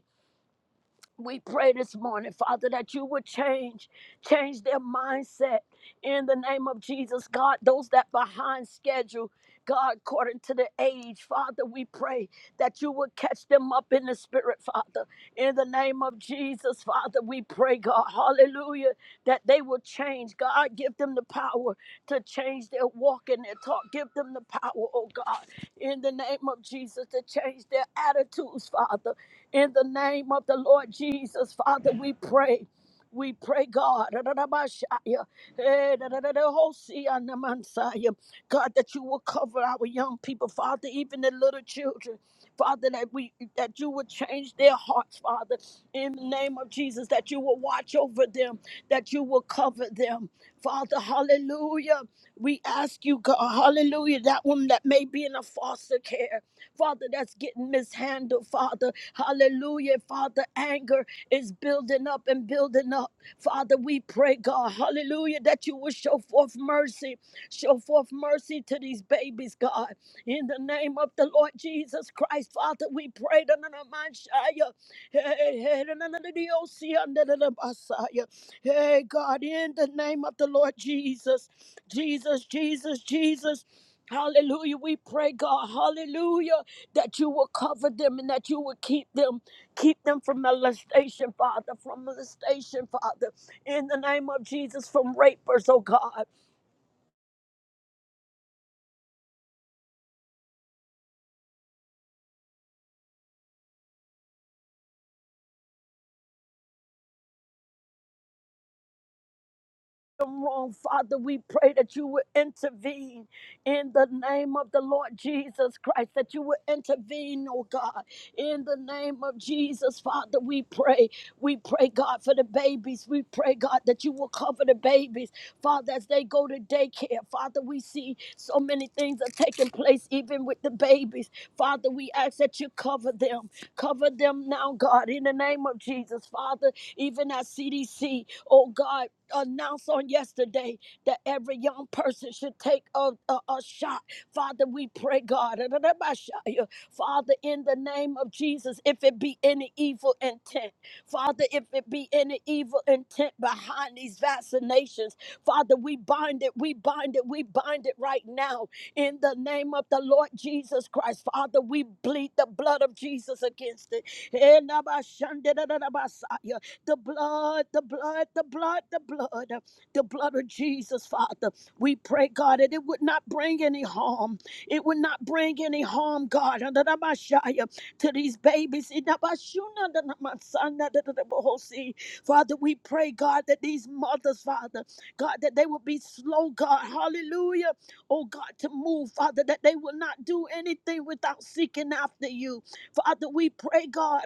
S2: we pray this morning, Father, that you would change, change their mindset in the name of Jesus. God, those that behind schedule, God, according to the age, Father, we pray that you would catch them up in the spirit, Father. In the name of Jesus, Father, we pray, God, hallelujah, that they will change. God, give them the power to change their walk and their talk. Give them the power, oh God, in the name of Jesus, to change their attitudes, Father. In the name of the Lord Jesus, Father, we pray. We pray, God, Ra-ra-ra-ba-shaya. Eh, ra-ra-ra-ra-ho-si-ya-na-man-saya. God, that you will cover our young people, Father, even the little children. Father, that we that you would change their hearts, Father, in the name of Jesus, that you will watch over them, that you will cover them. Father, hallelujah. We ask you, God, hallelujah, that one that may be in a foster care. Father, that's getting mishandled, Father. Hallelujah. Father, anger is building up and building up. Father, we pray, God, hallelujah, that you will show forth mercy. Show forth mercy to these babies, God. In the name of the Lord Jesus Christ, Father, we pray. da- na- na- man, shia. Hey, hey, da- na- na- na- di- oh, see, and da- da- da- Messiah. Hey, God, in the name of the Lord Jesus, Jesus, Jesus, Jesus. Hallelujah. We pray, God. Hallelujah that you will cover them and that you will keep them, keep them from molestation, Father, from molestation, Father, in the name of Jesus, from rapers, oh God. them wrong, Father. We pray that you would intervene in the name of the Lord Jesus Christ, that you would intervene, oh God, in the name of Jesus, Father. We pray, we pray, God, for the babies. We pray, God, that you will cover the babies, Father, as they go to daycare. Father, we see so many things are taking place, even with the babies. Father, we ask that you cover them, cover them now, God, in the name of Jesus, Father, even at CDC, oh God announced on yesterday that every young person should take a, a, a shot. Father, we pray, God, Father, in the name of Jesus, if it be any evil intent, Father, if it be any evil intent behind these vaccinations, Father, we bind it, we bind it, we bind it right now in the name of the Lord Jesus Christ. Father, we bleed the blood of Jesus against it. Eh, nabashandadadadabasaya. The blood, the blood, the blood, the blood, the blood of Jesus, Father. We pray, God, that it would not bring any harm. It would not bring any harm, God, under the to these babies. In Bashuna, under the Messiah, under Father, we pray, God, that these mothers, Father, God, that they will be slow, God. Hallelujah. Oh, God, to move, Father, that they will not do anything without seeking after you. Father, we pray, God,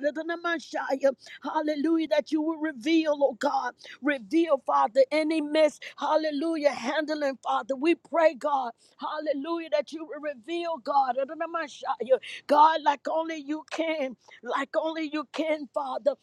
S2: Hallelujah. That you will reveal, oh God. Reveal, Father, any mess. Hallelujah. Handling, Father. We pray, God. Hallelujah. That you will reveal, God. Adonamashaya. God, like only you can. Like only you can, Father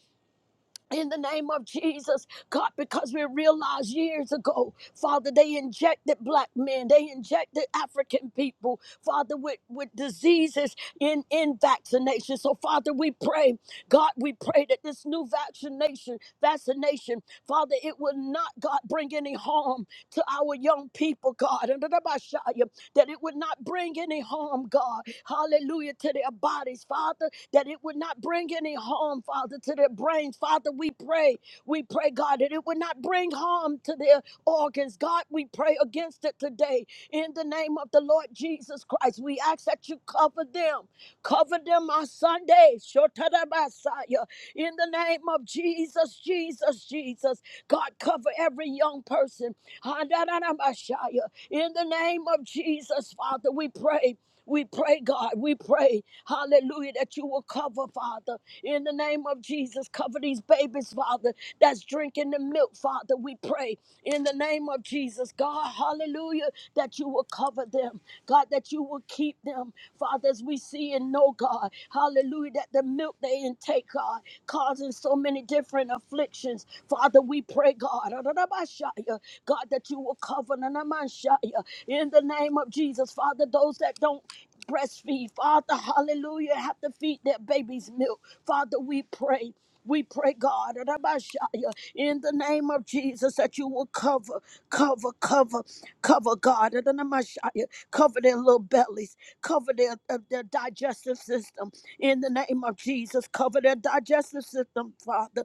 S2: in the name of Jesus, God, because we realized years ago, Father, they injected black men, they injected African people, Father, with, with diseases in, in vaccination. So, Father, we pray, God, we pray that this new vaccination, vaccination, Father, it will not, God, bring any harm to our young people, God that it would not bring any harm, God. Hallelujah to their bodies, Father, that it would not bring any harm, Father, to their brains. Father, we pray, we pray, God, that it would not bring harm to their organs. God, we pray against it today in the name of the Lord Jesus Christ, we ask that you cover them. Cover them on Sunday. Shotadabasaya. In the name of Jesus, Jesus, Jesus. God, cover every young person. Handananabashaya. In the name of Jesus, Father, we pray. We pray, God, we pray, hallelujah, that you will cover, Father, in the name of Jesus. Cover these babies, Father, that's drinking the milk, Father. We pray in the name of Jesus, God, hallelujah, that you will cover them, God, that you will keep them, Father, as we see and know, God, hallelujah, that the milk they intake, God, causing so many different afflictions. Father, we pray, God, God, that you that you will cover Nanamashaya, in the name of Jesus. Father, those that don't breastfeed, Father, hallelujah, have to feed their babies milk. Father, we pray. We pray, God, Nanamashaya, in the name of Jesus, that you will cover, cover, cover, cover, God, Nanamashaya, cover their little bellies, cover their, uh, their digestive system, in the name of Jesus, cover their digestive system, Father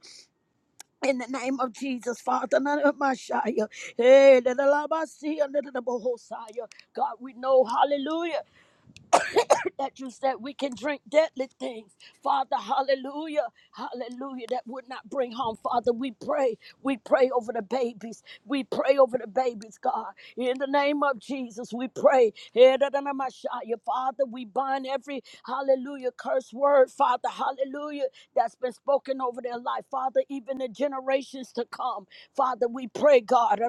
S2: in the name of Jesus, Father, none of my Shia. Hey, little Abba, see, a little of Bohosiah. God, we know, hallelujah that you said we can drink deadly things. Father, hallelujah. Hallelujah. That would not bring harm. Father, we pray. We pray over the babies. We pray over the babies, God. In the name of Jesus, we pray. Edanamashaya. Father, we bind every hallelujah curse word, Father, hallelujah, that's been spoken over their life. Father, even the generations to come. Father, we pray, God.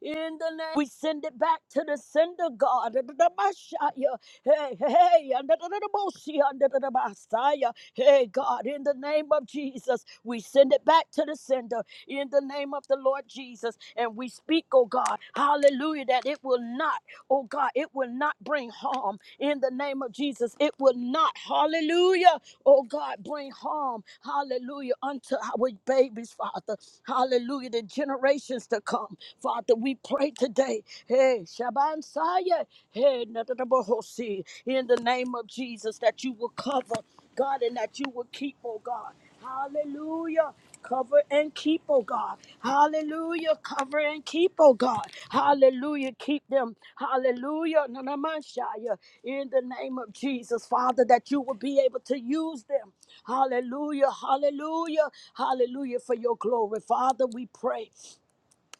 S2: In the name, we send it back to the sender, God. Adonabashaya. Hey, hey, Adonadabosi, Adonadabasaya. hey, God. In the name of Jesus, we send it back to the sender. In the name of the Lord Jesus, and we speak, oh God, Hallelujah, that it will not, oh God, it will not bring harm. In the name of Jesus, it will not, Hallelujah. Oh God, bring harm, hallelujah, unto our babies, Father. Hallelujah, the generations to come. Father, we pray today. Hey, Shaban Saya, hey, Nadadabahosi, in the name of Jesus, that you will cover, God, and that you will keep, oh God. Hallelujah. Cover and keep, oh God. Hallelujah. Cover and keep, oh God. Hallelujah. Keep them. Hallelujah. Nanamashaya. In the name of Jesus, Father, that you will be able to use them. Hallelujah. Hallelujah. Hallelujah for your glory. Father, we pray.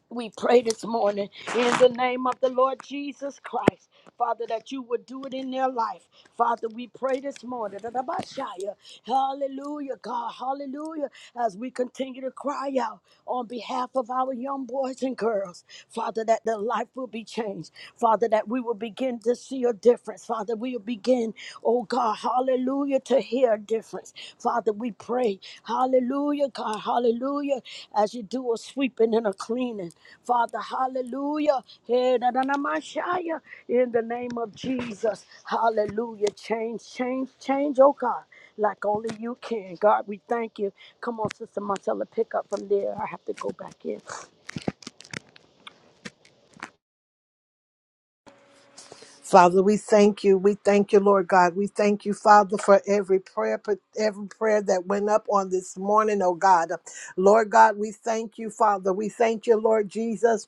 S2: We pray this morning in the name of the Lord Jesus Christ, Father, that you would do it in their life. Father, we pray this morning. that about Shia, Hallelujah, God. Hallelujah. As we continue to cry out on behalf of our young boys and girls, Father, that their life will be changed. Father, that we will begin to see a difference. Father, we will begin, oh God. Hallelujah, to hear a difference. Father, we pray. Hallelujah, God. Hallelujah. As you do a sweeping and a cleaning. Father, hallelujah. Hey, da, da, da, my Shia. In the name of Jesus. Hallelujah. Change, change, change, oh God. Like only you can. God, we thank you. Come on, Sister Marcella, pick up from there. I have to go back in.
S3: Father, we thank you. We thank you, Lord God. We thank you, Father, for every prayer, for every prayer that went up on this morning, oh God. Lord God, we thank you, Father. We thank you, Lord Jesus.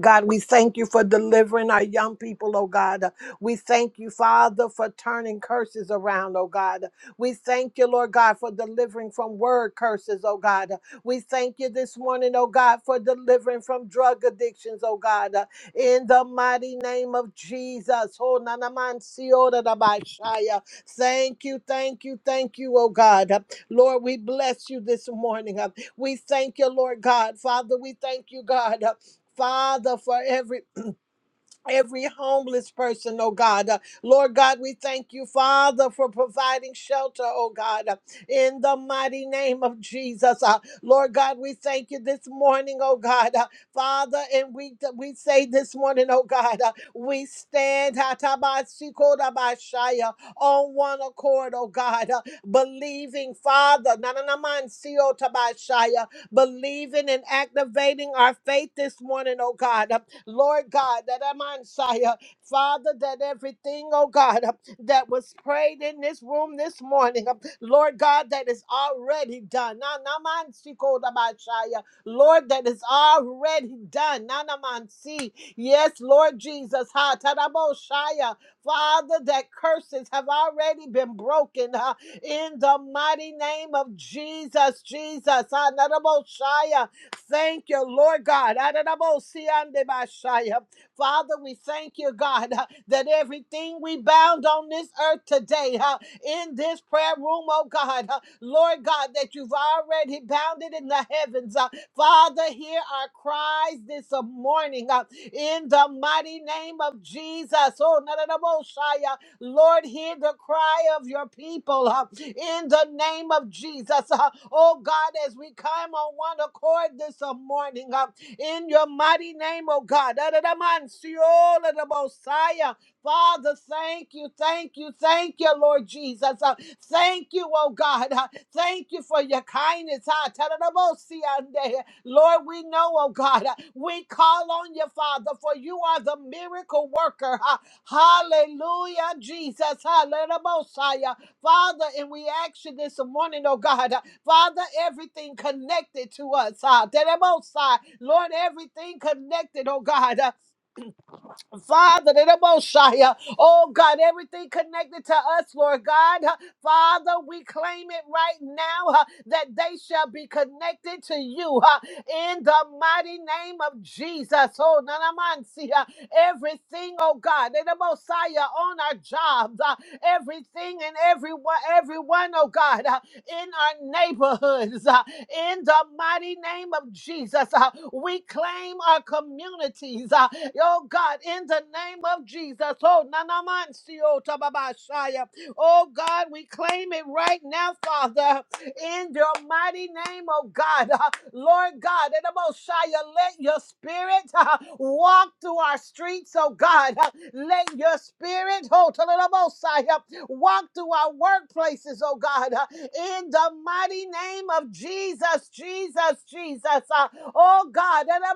S3: God, we thank you for delivering our young people, oh God. We thank you, Father, for turning curses around, oh God. We thank you, Lord God, for delivering from word curses, oh God. We thank you this morning, oh God, for delivering from drug addictions, oh God. In the mighty name of Jesus. Oh, na na man si o da da ba shaya. Thank you, thank you, thank you, oh God. Lord, we bless you this morning. We thank you, Lord God. Father, we thank you, God. Father, for every every homeless person, oh God. Uh, Lord God, we thank you, Father, for providing shelter, oh God, uh, in the mighty name of Jesus. Uh, Lord God, we thank you this morning, oh God, uh, Father, and we we say this morning, oh God, uh, we stand hatabasikodabashaya, on one accord, oh God, uh, believing, Father, nananamansiotabashaya, believing and activating our faith this morning, oh God. uh, Lord God, that I'm on fire. Father, that everything, oh God, that was prayed in this room this morning, Lord God, that is already done. Na- na- man si ko da ba shaya. Lord, that is already done. Na- na- man si. Yes, Lord Jesus. Ha ta da bo shaya. Father, that curses have already been broken huh, in the mighty name of Jesus. Jesus. Ha na da bo shaya. Thank you, Lord God. Adonabosiandebashaya. Father, we thank you, God, uh, that everything we bound on this earth today, uh, in this prayer room, oh God, uh, Lord God, that you've already bound it in the heavens. uh, Father, hear our cries this morning uh, in the mighty name of Jesus. Oh, Lord, hear the cry of your people uh, in the name of Jesus. Uh, Oh God, as we come on one accord this uh, morning, uh, in your mighty name, oh God. Messiah. Father, thank you, thank you, thank you, Lord Jesus. Uh, thank you, oh God. Uh, thank you for your kindness. Ah, tadadabosiande. Lord, we know, oh God, uh, we call on you, Father, for you are the miracle worker. huh. Hallelujah, Jesus. Hallelujah. Mosiah. Father, and we ask you this morning, oh God, Father, everything connected to us. ah, Terebosai. Lord, everything connected, oh God. Father, the Moshiach, oh God, everything connected to us, Lord God, huh, Father, we claim it right now huh, that they shall be connected to you huh, in the mighty name of Jesus. Oh, Nanamansi, huh, everything, oh God, the Messiah on our jobs, huh, everything and everyone, everyone, oh God, huh, in our neighborhoods. huh, in the mighty name of Jesus. Uh, we claim our communities, uh, oh God, in the name of Jesus. Oh, nanamansio tababashaya. Oh God, we claim it right now, Father, in your mighty name, oh God. Uh, Lord God, in the Mosiah, let your spirit uh, walk through our streets, oh God. Uh, let your spirit, oh, to the Mosiah, walk through our workplaces, oh God. Uh, in the mighty name of Jesus, Jesus, Jesus. Uh, oh God, and i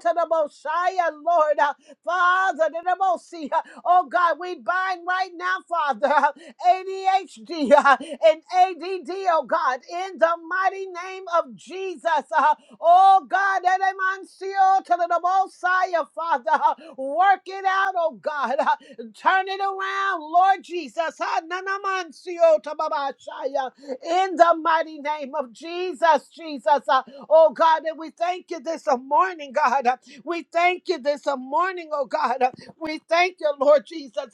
S3: to the Messiah, Lord. Uh, Father, to the Messiah. Oh God, we bind right now, Father, uh, ADHD uh, and ADD, oh God, in the mighty name of Jesus. Uh, oh God, and i to the Messiah, Father. Uh, work it out, oh God. uh, Turn it around, Lord Jesus. Ha, na, na, man, si, oh, ta, ba, ba, sha, ya. In the mighty name of Jesus, Jesus. Uh, Oh God, and we thank you this morning, God. Uh, We thank you this morning, oh God. Uh, We thank you, Lord Jesus.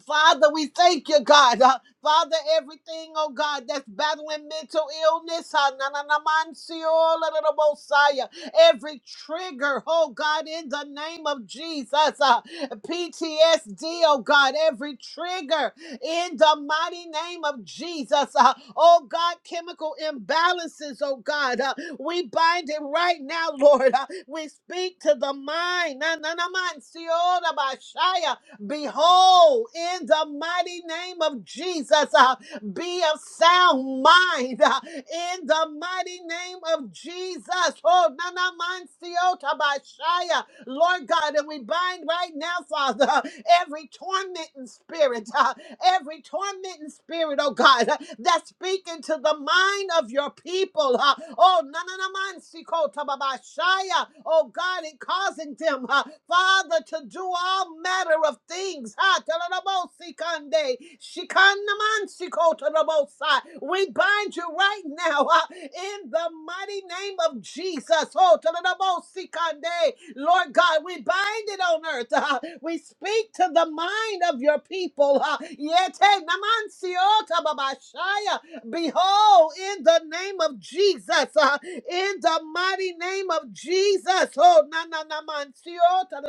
S3: Father, we thank you, God. Uh, Father, everything, oh God, that's battling mental illness, uh, na- na- na- man, see all of the Messiah. every trigger, oh God, in the name of Jesus, uh, PTSD, oh God, every trigger in the mighty name of Jesus, uh, oh God, chemical imbalances, oh God, uh, we bind it right now, Lord. Uh, we speak to the mind, na- na- na- man, see all of Messiah. Behold, in the mighty name of Jesus, uh, be of sound mind uh, in the mighty name of Jesus. Oh, nana mind siota by Shia. Lord God, and we bind right now, Father, every tormenting spirit. Uh, every tormenting spirit, oh God, that's speaking to the mind of your people. huh? Oh, nananaman shaya. Oh God, it causing them, huh, Father, to do all manner of things. huh? Talalabo-sikande, shikanaman-sikotalabosai. We bind you right now huh, in the mighty name of Jesus. Oh, talalabo-sikande, Lord God, we bind it on earth. uh, we speak to the mind of your people. Uh, Yete namansiota babashaya. Behold, in the name of Jesus, uh, in the mighty name of Jesus, oh, na na na mansiota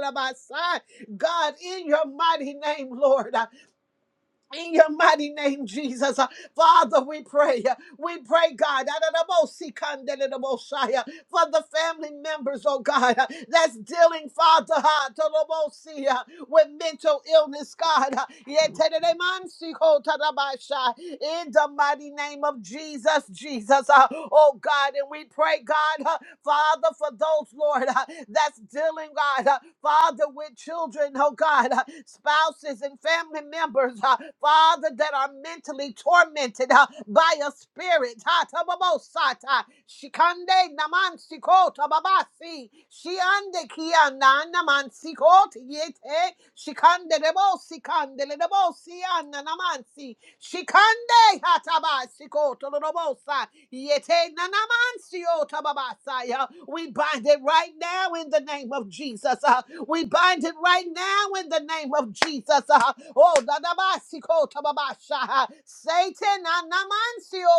S3: God, in your mighty name, Lord. In your mighty name, Jesus. Uh, Father, we pray. uh, We pray, God, Adonabosikandelebosai, uh, for the family members, oh God, uh, that's dealing, Father, uh, Tolobosi, with mental illness, God. Yeteremansikotadabasha. In the mighty name of Jesus, Jesus. Uh, Oh God, and we pray, God, uh, Father, for those, Lord, uh, that's dealing, God, uh, Father, with children, oh God, uh, spouses and family members, uh, Father, that are mentally tormented uh, by a spirit. Ha, tababosata. Shikande namansiko tababasi. shiande kia nana mansi koti yete shikande rebo sikande rebo siana namansi shikande hataba sikoto robosa yete nana mansi otababasa ya we bind it right now in the name of Jesus uh, we bind it right now in the name of Jesus uh, oh dadabasi kota babasha uh, Satan nana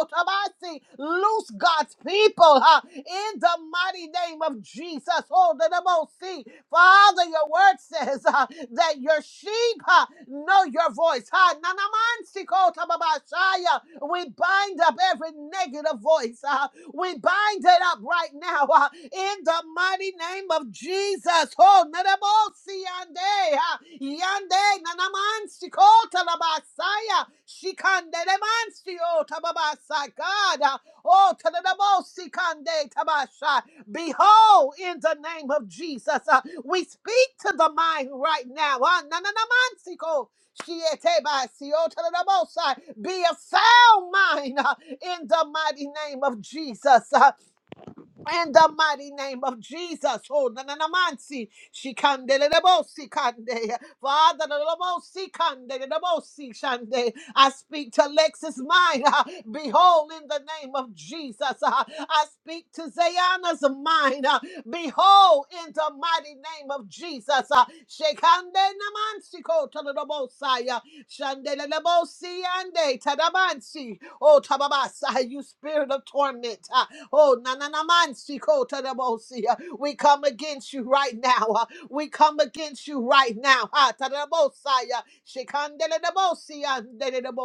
S3: otabasi loose God's people uh, in the the mighty name of Jesus. Oh, the most see. Father, your word says uh, that your sheep uh, know your voice. Ha, nanamansikota babashaya. We bind up every negative voice. Uh, we bind it up right now uh, in the mighty name of Jesus. Oh, nanabosi yande, uh, yande, nanamansikota labasaya, shikandelemansio babasa God. uh, Oh, tadadabosikande tabasha. Behold, in the name of Jesus, uh, we speak to the mind right now. Ah, nananamansiko. Shietebasio tadadabosai. Be of sound mind uh, in the mighty name of Jesus. Uh, in the mighty name of Jesus. Oh, na na na mansi. Shikande le debosi kande. Father, the debosi kande, the debosi shande. I speak to Lex's mind. ah, Behold, in the name of Jesus. ah. I speak to Zayana's mind. ah, Behold, in the mighty name of Jesus. ah. Shekande na mansi ko to the debosi, ah. Shande le debosi ande, tadamansi. Oh, tababasa, you spirit of torment. Oh, na na na man si ko ta si. Uh, We come against you right now. uh, We come against you right now. Ha ta da bo si, uh, she si, uh,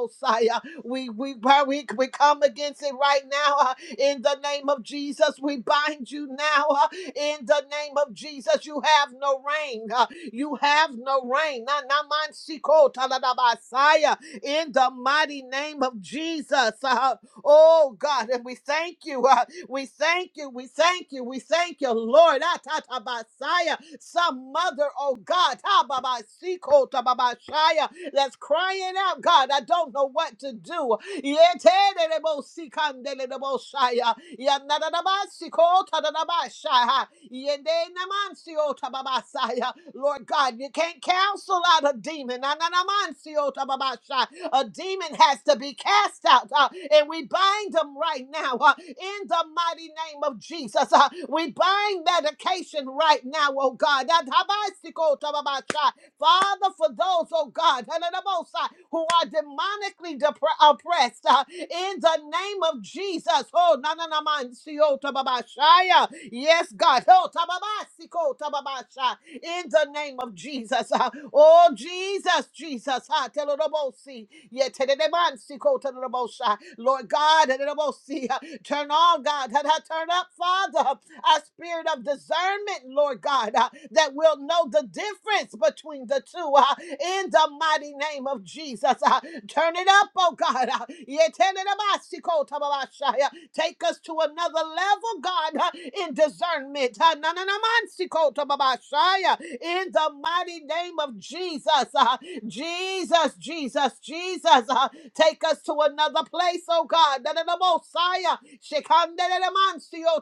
S3: si, uh, We we we we come against it right now. uh, In the name of Jesus, we bind you now. uh, in the name of Jesus. You have no reign. uh, You have no reign. Na- na- man- si- ko- ta- si- In the mighty name of Jesus. uh, Oh God, and we thank you. uh, we thank you. We thank you. We thank you, Lord. Ah, Ta ta Atatabasaya. Some mother, oh God, ta ba ba si, ko, ta, ba ba shaya. that's crying out, God, I don't know what to do. Yeah, Yeah, Yeah, ta ba si, ko, ta, da, da, ba shaya. shaya. na na de man Yetererebosikandelebosaya. ta ba ba Tababasaya. Lord God, you can't counsel out a demon. Na na na man si, o, ta ba ba shaya. A demon has to be cast out, uh, and we bind them right now uh, in the mighty name of Jesus. uh, we bind medication right now, oh God. That- habasiko tababasha. Father, for those, oh God, who are demonically depre- oppressed, uh, in the name of Jesus. Oh, na na na man, si, oh, tababashaya. Yes, God. Oh, tababasiko, tababasha. In the name of Jesus. uh, Oh, Jesus, Jesus. ah, telorobosi, yeah, tededebansiko, telorobosha. Lord God, telorobosi, uh, turn on, God. ha, ha, Turn up, Father uh, a spirit of discernment, Lord God, uh, that will know the difference between the two uh, in the mighty name of Jesus. uh. turn it up, oh God. Uh, Yetenenamasikotababashaya. take us to another level, God, uh, in discernment. uh, nananamansikotababashaya. in the mighty name of Jesus. uh. Jesus, Jesus, Jesus. uh, take us to another place, oh God. Da- da- da- Mosiah.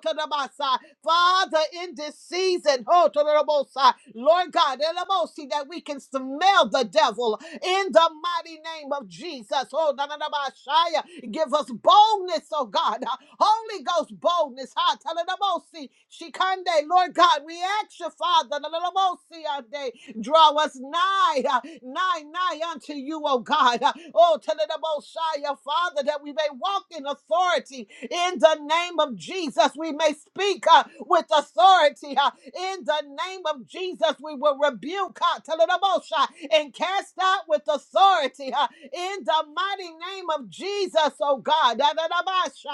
S3: to the Masa. Father, in this season, oh, to the Mosiah. Lord God, da- da- Mosi, that we can smell the devil in the mighty name of Jesus. Oh, da- da- da- give us boldness, oh God. Holy Ghost boldness. Ha, ta- da- da- Mosi. Shekande. Lord God, we ask you, Father, da- da- da- ah, Draw us nigh, uh, nigh, nigh unto you, O God. Uh, Oh, to the Messiah, Father, that we may walk in authority in the name of Jesus. We may speak uh, with authority uh, in the name of Jesus. We will rebuke uh, to the Messiah, and cast out with authority uh, in the mighty name of Jesus, oh God. da da da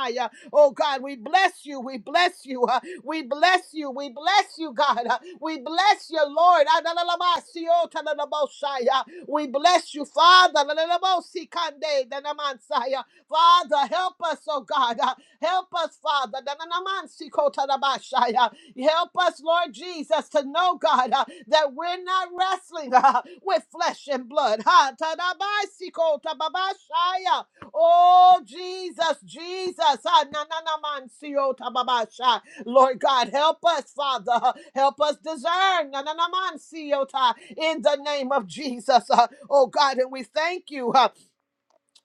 S3: Messiah. Oh God, we bless you. We bless you. uh, we bless you. We bless you, God. uh, we bless you, Lord. Adalalamasiotadalabosaya. We bless you, Father. Lalalabosikande danamansaya. Father, help us, oh God. uh, help us, Father. Dananamansikotadabashaya. Help us, Lord Jesus, to know, God, uh, that we're not wrestling uh, with flesh and blood. Ha, tadabaisikotababashaya. Oh, Jesus, Jesus. Ah, na, na, na, man, si, oh, ta, ba, ba, sha. Lord God, help us, Father. Help us discern. Na, na, na, man, si, oh, ta, In the name of Jesus. Ah, Oh, God, and we thank you. ah,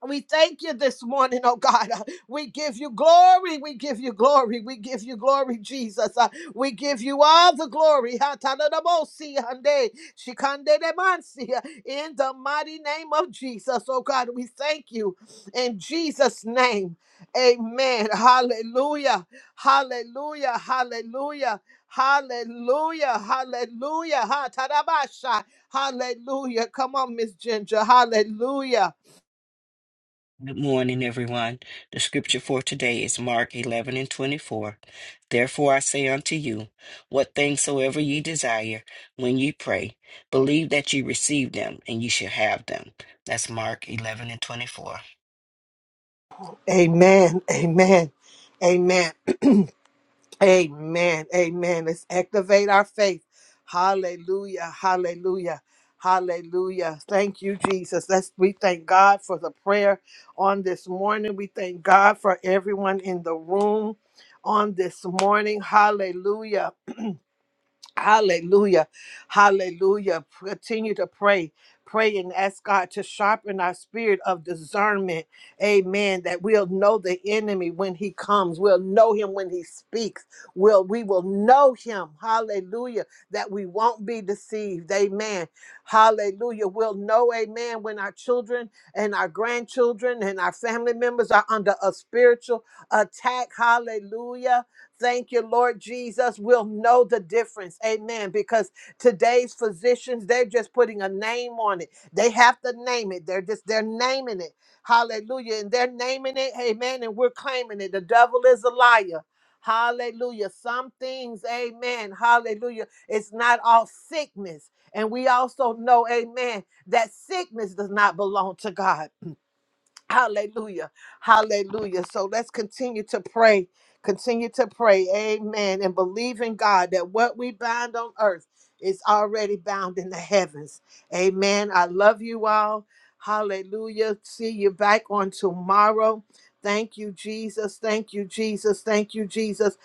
S3: we thank you this morning, oh God. Uh, We give you glory. We give you glory. We give you glory, Jesus. Uh, We give you all the glory. Ha, ta, da, da, bo, si, hande, shikande, de, man, si, uh, In the mighty name of Jesus, oh God, we thank you in Jesus' name. Amen. Hallelujah. Hallelujah. Hallelujah. Hallelujah. Hallelujah. Ha, ta, da, ba, sha. Hallelujah. Come on, Miss Ginger. Hallelujah.
S4: Good morning, everyone. The scripture for today is Mark 11 and 24. Therefore I say unto you, what things soever ye desire, when ye pray, believe that ye receive them, and ye shall have them. That's Mark 11 and 24.
S3: Amen. Amen. Amen. Amen. Amen. Let's activate our faith. Hallelujah. Hallelujah. Hallelujah. Thank you, Jesus. Let's we thank God for the prayer on this morning. We thank God for everyone in the room on this morning. Hallelujah. Hallelujah. Hallelujah. Continue to pray. Pray and ask God to sharpen our spirit of discernment. Amen. That we'll know the enemy when he comes. We'll know him when he speaks. We'll, we will know him. Hallelujah. That we won't be deceived. Amen. Hallelujah. We'll know, amen, when our children and our grandchildren and our family members are under a spiritual attack. Hallelujah Thank you, Lord Jesus. We'll know the difference. Amen. Because today's physicians, they're just putting a name on it. They have to name it. They're just, they're naming it. Hallelujah. And they're naming it. Amen. And we're claiming it. The devil is a liar. Hallelujah. Some things, amen. Hallelujah. It's not all sickness. And we also know, amen, that sickness does not belong to God. Hallelujah. Hallelujah. So let's continue to pray. Continue to pray. Amen. And believe in God that what we bind on earth is already bound in the heavens. Amen. I love you all. Hallelujah. See you back on tomorrow. Thank you, Jesus. Thank you, Jesus. Thank you, Jesus.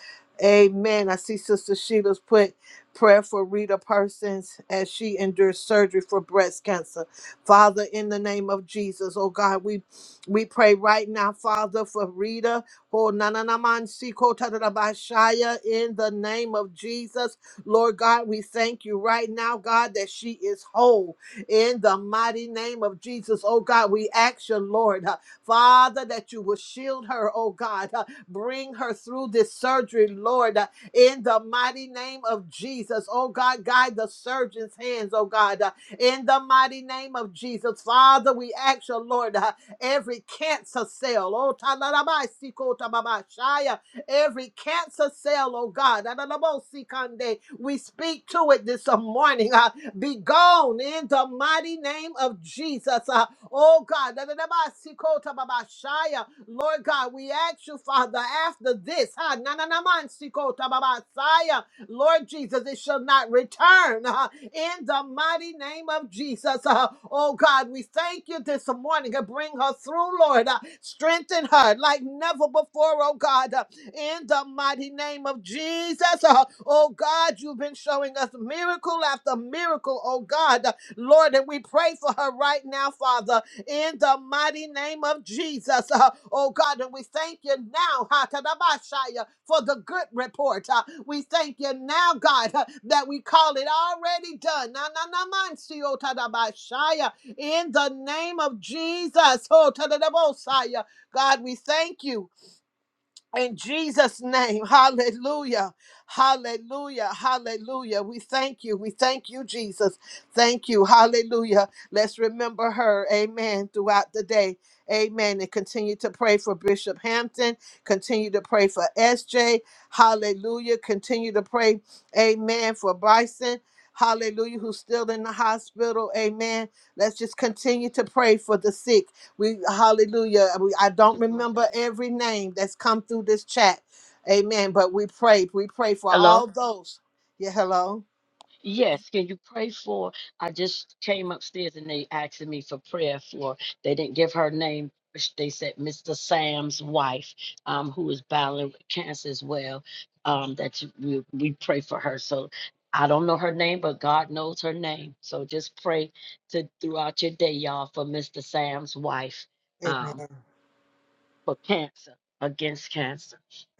S3: Amen. I see Sister Sheila's put prayer for Rita Persons as she endures surgery for breast cancer. Father, in the name of Jesus, oh God, we we pray right now, Father, for Rita, for Nananamansi Shaya, in the name of Jesus. Lord God, we thank you right now, God, that she is whole in the mighty name of Jesus. Oh God, we ask you, Lord, uh, Father, that you will shield her, oh God. uh, bring her through this surgery, Lord, uh, in the mighty name of Jesus. Oh God, guide the surgeon's hands, oh God, uh, in the mighty name of Jesus. Father, we ask you, Lord, uh, every cancer cell, oh, ta ba ba talarabaisikota every cancer cell, oh God, adalabosikande, we speak to it this morning. Uh, be gone in the mighty name of Jesus. Uh, oh God, ba ba dadadabasikota Lord God, we ask you, Father, after this, na na na man ba nananamansikota Lord Jesus, it shall not return. in the mighty name of Jesus. Uh, oh God, we thank you this morning. Uh, bring her through, Lord. Uh, strengthen her like never before, oh God. Uh, in the mighty name of Jesus. Uh, oh God, you've been showing us miracle after miracle, oh God. Uh, Lord, and we pray for her right now, Father in the mighty name of Jesus. Uh, oh God, and we thank you now ha, tadabashaya, for the good report. Uh, we thank you now, God, uh, that we call it already done. Na, na, na, man, si, oh, tadabashaya, In the name of Jesus. Oh, tadadabosaya. God, we thank you. In Jesus' name, hallelujah, hallelujah, hallelujah. We thank you, we thank you, Jesus. Thank you, hallelujah. Let's remember her, amen, throughout the day, amen. And continue to pray for Bishop Hampton, continue to pray for SJ, hallelujah. Continue to pray, amen, for Bryson. Hallelujah, who's still in the hospital. Amen. Let's just continue to pray for the sick. We hallelujah. We, I don't
S2: Sister
S3: remember
S2: Marcella.
S3: every name that's come through this chat. Amen. But we prayed. We pray for
S2: Hello?
S3: all those. Yeah, hello.
S2: Yes, can you pray for? I just came upstairs and they asked me for prayer for. They didn't give her name. but sh- They said Mr. Sam's wife, um, who is battling with cancer as well. Um, that you, we, we pray for her. So I don't know her name, but God knows her name. So just pray to throughout your day, y'all, for Mr. Sam's wife
S3: Amen.
S2: um, for cancer, against cancer.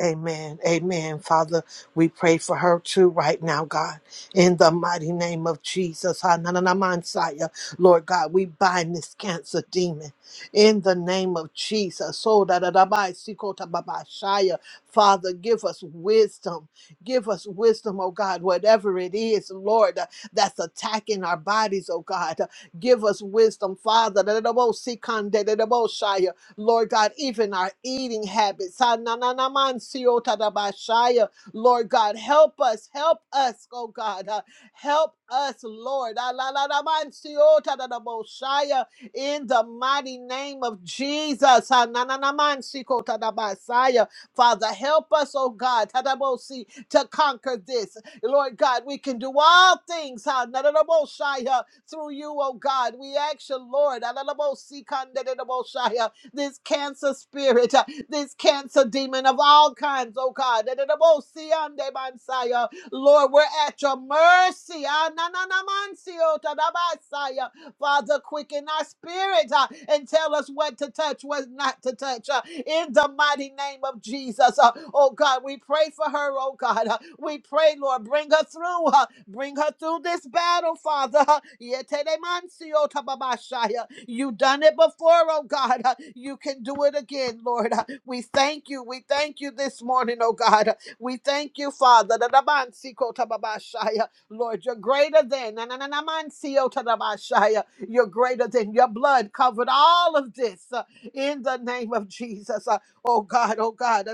S3: Amen. Amen. Father, we pray for her too right now, God. In the mighty name of Jesus. Ha, na, na, na, man, Saya. Lord God, we bind this cancer demon. In the name of Jesus. So da, da, da, ba, si, ko, ta, ba, ba, Shia. Father, give us wisdom. Give us wisdom, oh God, whatever it is, Lord, uh, that's attacking our bodies, oh God. Uh, Give us wisdom, Father. Da da da bo, si, kan, da da si shia. Lord God, even our eating habits. Ha, na, na, na, man, si, o, ta, da, ba, shaya. Lord God, help us, help us, oh God, uh, help us, Lord. Ah, la, la, la, man, si, o, ta, da, da, bo, shaya. In the mighty name of Jesus. Ha, na, na, na, man, si, ko, ta, da, ba, shaya. Father, help us, oh God, ta, da, bo, si, to conquer this. Lord God, we can do all things ha, na, na, na, bo, shaya, through you, oh God. We ask you, Lord. ah, la, la, bo, si, kan, da, da, da, bo, shaya this cancer spirit, uh, this cancer demon of all kinds, oh God. Dededebosiande bansaya. Lord, we're at your mercy. Ananamansio tadabasaya. Father, quicken our spirit uh, and tell us what to touch, what not to touch. uh, in the mighty name of Jesus, uh, oh God, we pray for her, oh God. uh, we pray, Lord, bring her through. Uh, bring her through this battle, Father. Yetelemansio tababashaya. You done it before, oh God. Uh, You can do it again, Lord. Uh, We thank you. We thank you this morning, oh God. Uh, We thank you, Father. Da- da- man- si- ko- ta- ba- ba- shaya. Lord, you're greater than. Na- na- na- na- man- si- o- ta- da- ba- shaya. You're greater than. Your blood covered all of this uh, in the name of Jesus. Uh, Oh God, oh God.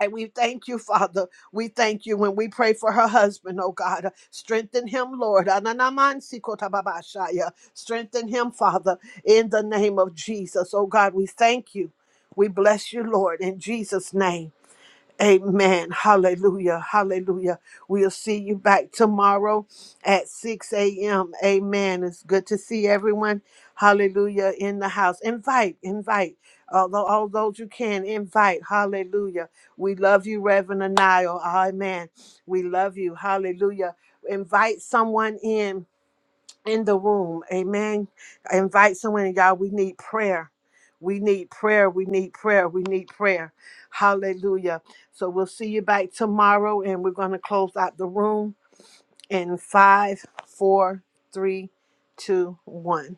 S3: And we thank you, Father. We thank you when we pray for her husband, oh God. Strengthen him, Lord. Ananamansikotobabashaya. Strengthen him, Father, in the name of Jesus. Oh God, we thank you. We bless you, Lord, in Jesus' name. Amen. Hallelujah. Hallelujah. We'll see you back tomorrow at 6 a.m. Amen. It's good to see everyone. Hallelujah. In the house. Invite, invite. Although all those you can invite. Hallelujah. We love you, Reverend Anil. Amen. We love you. Hallelujah. Invite someone in in the room. Amen. Invite someone, and y'all. We need prayer. We need prayer. We need prayer. We need prayer. Hallelujah. So we'll see you back tomorrow, and we're going to close out the room in five, four, three, two, one.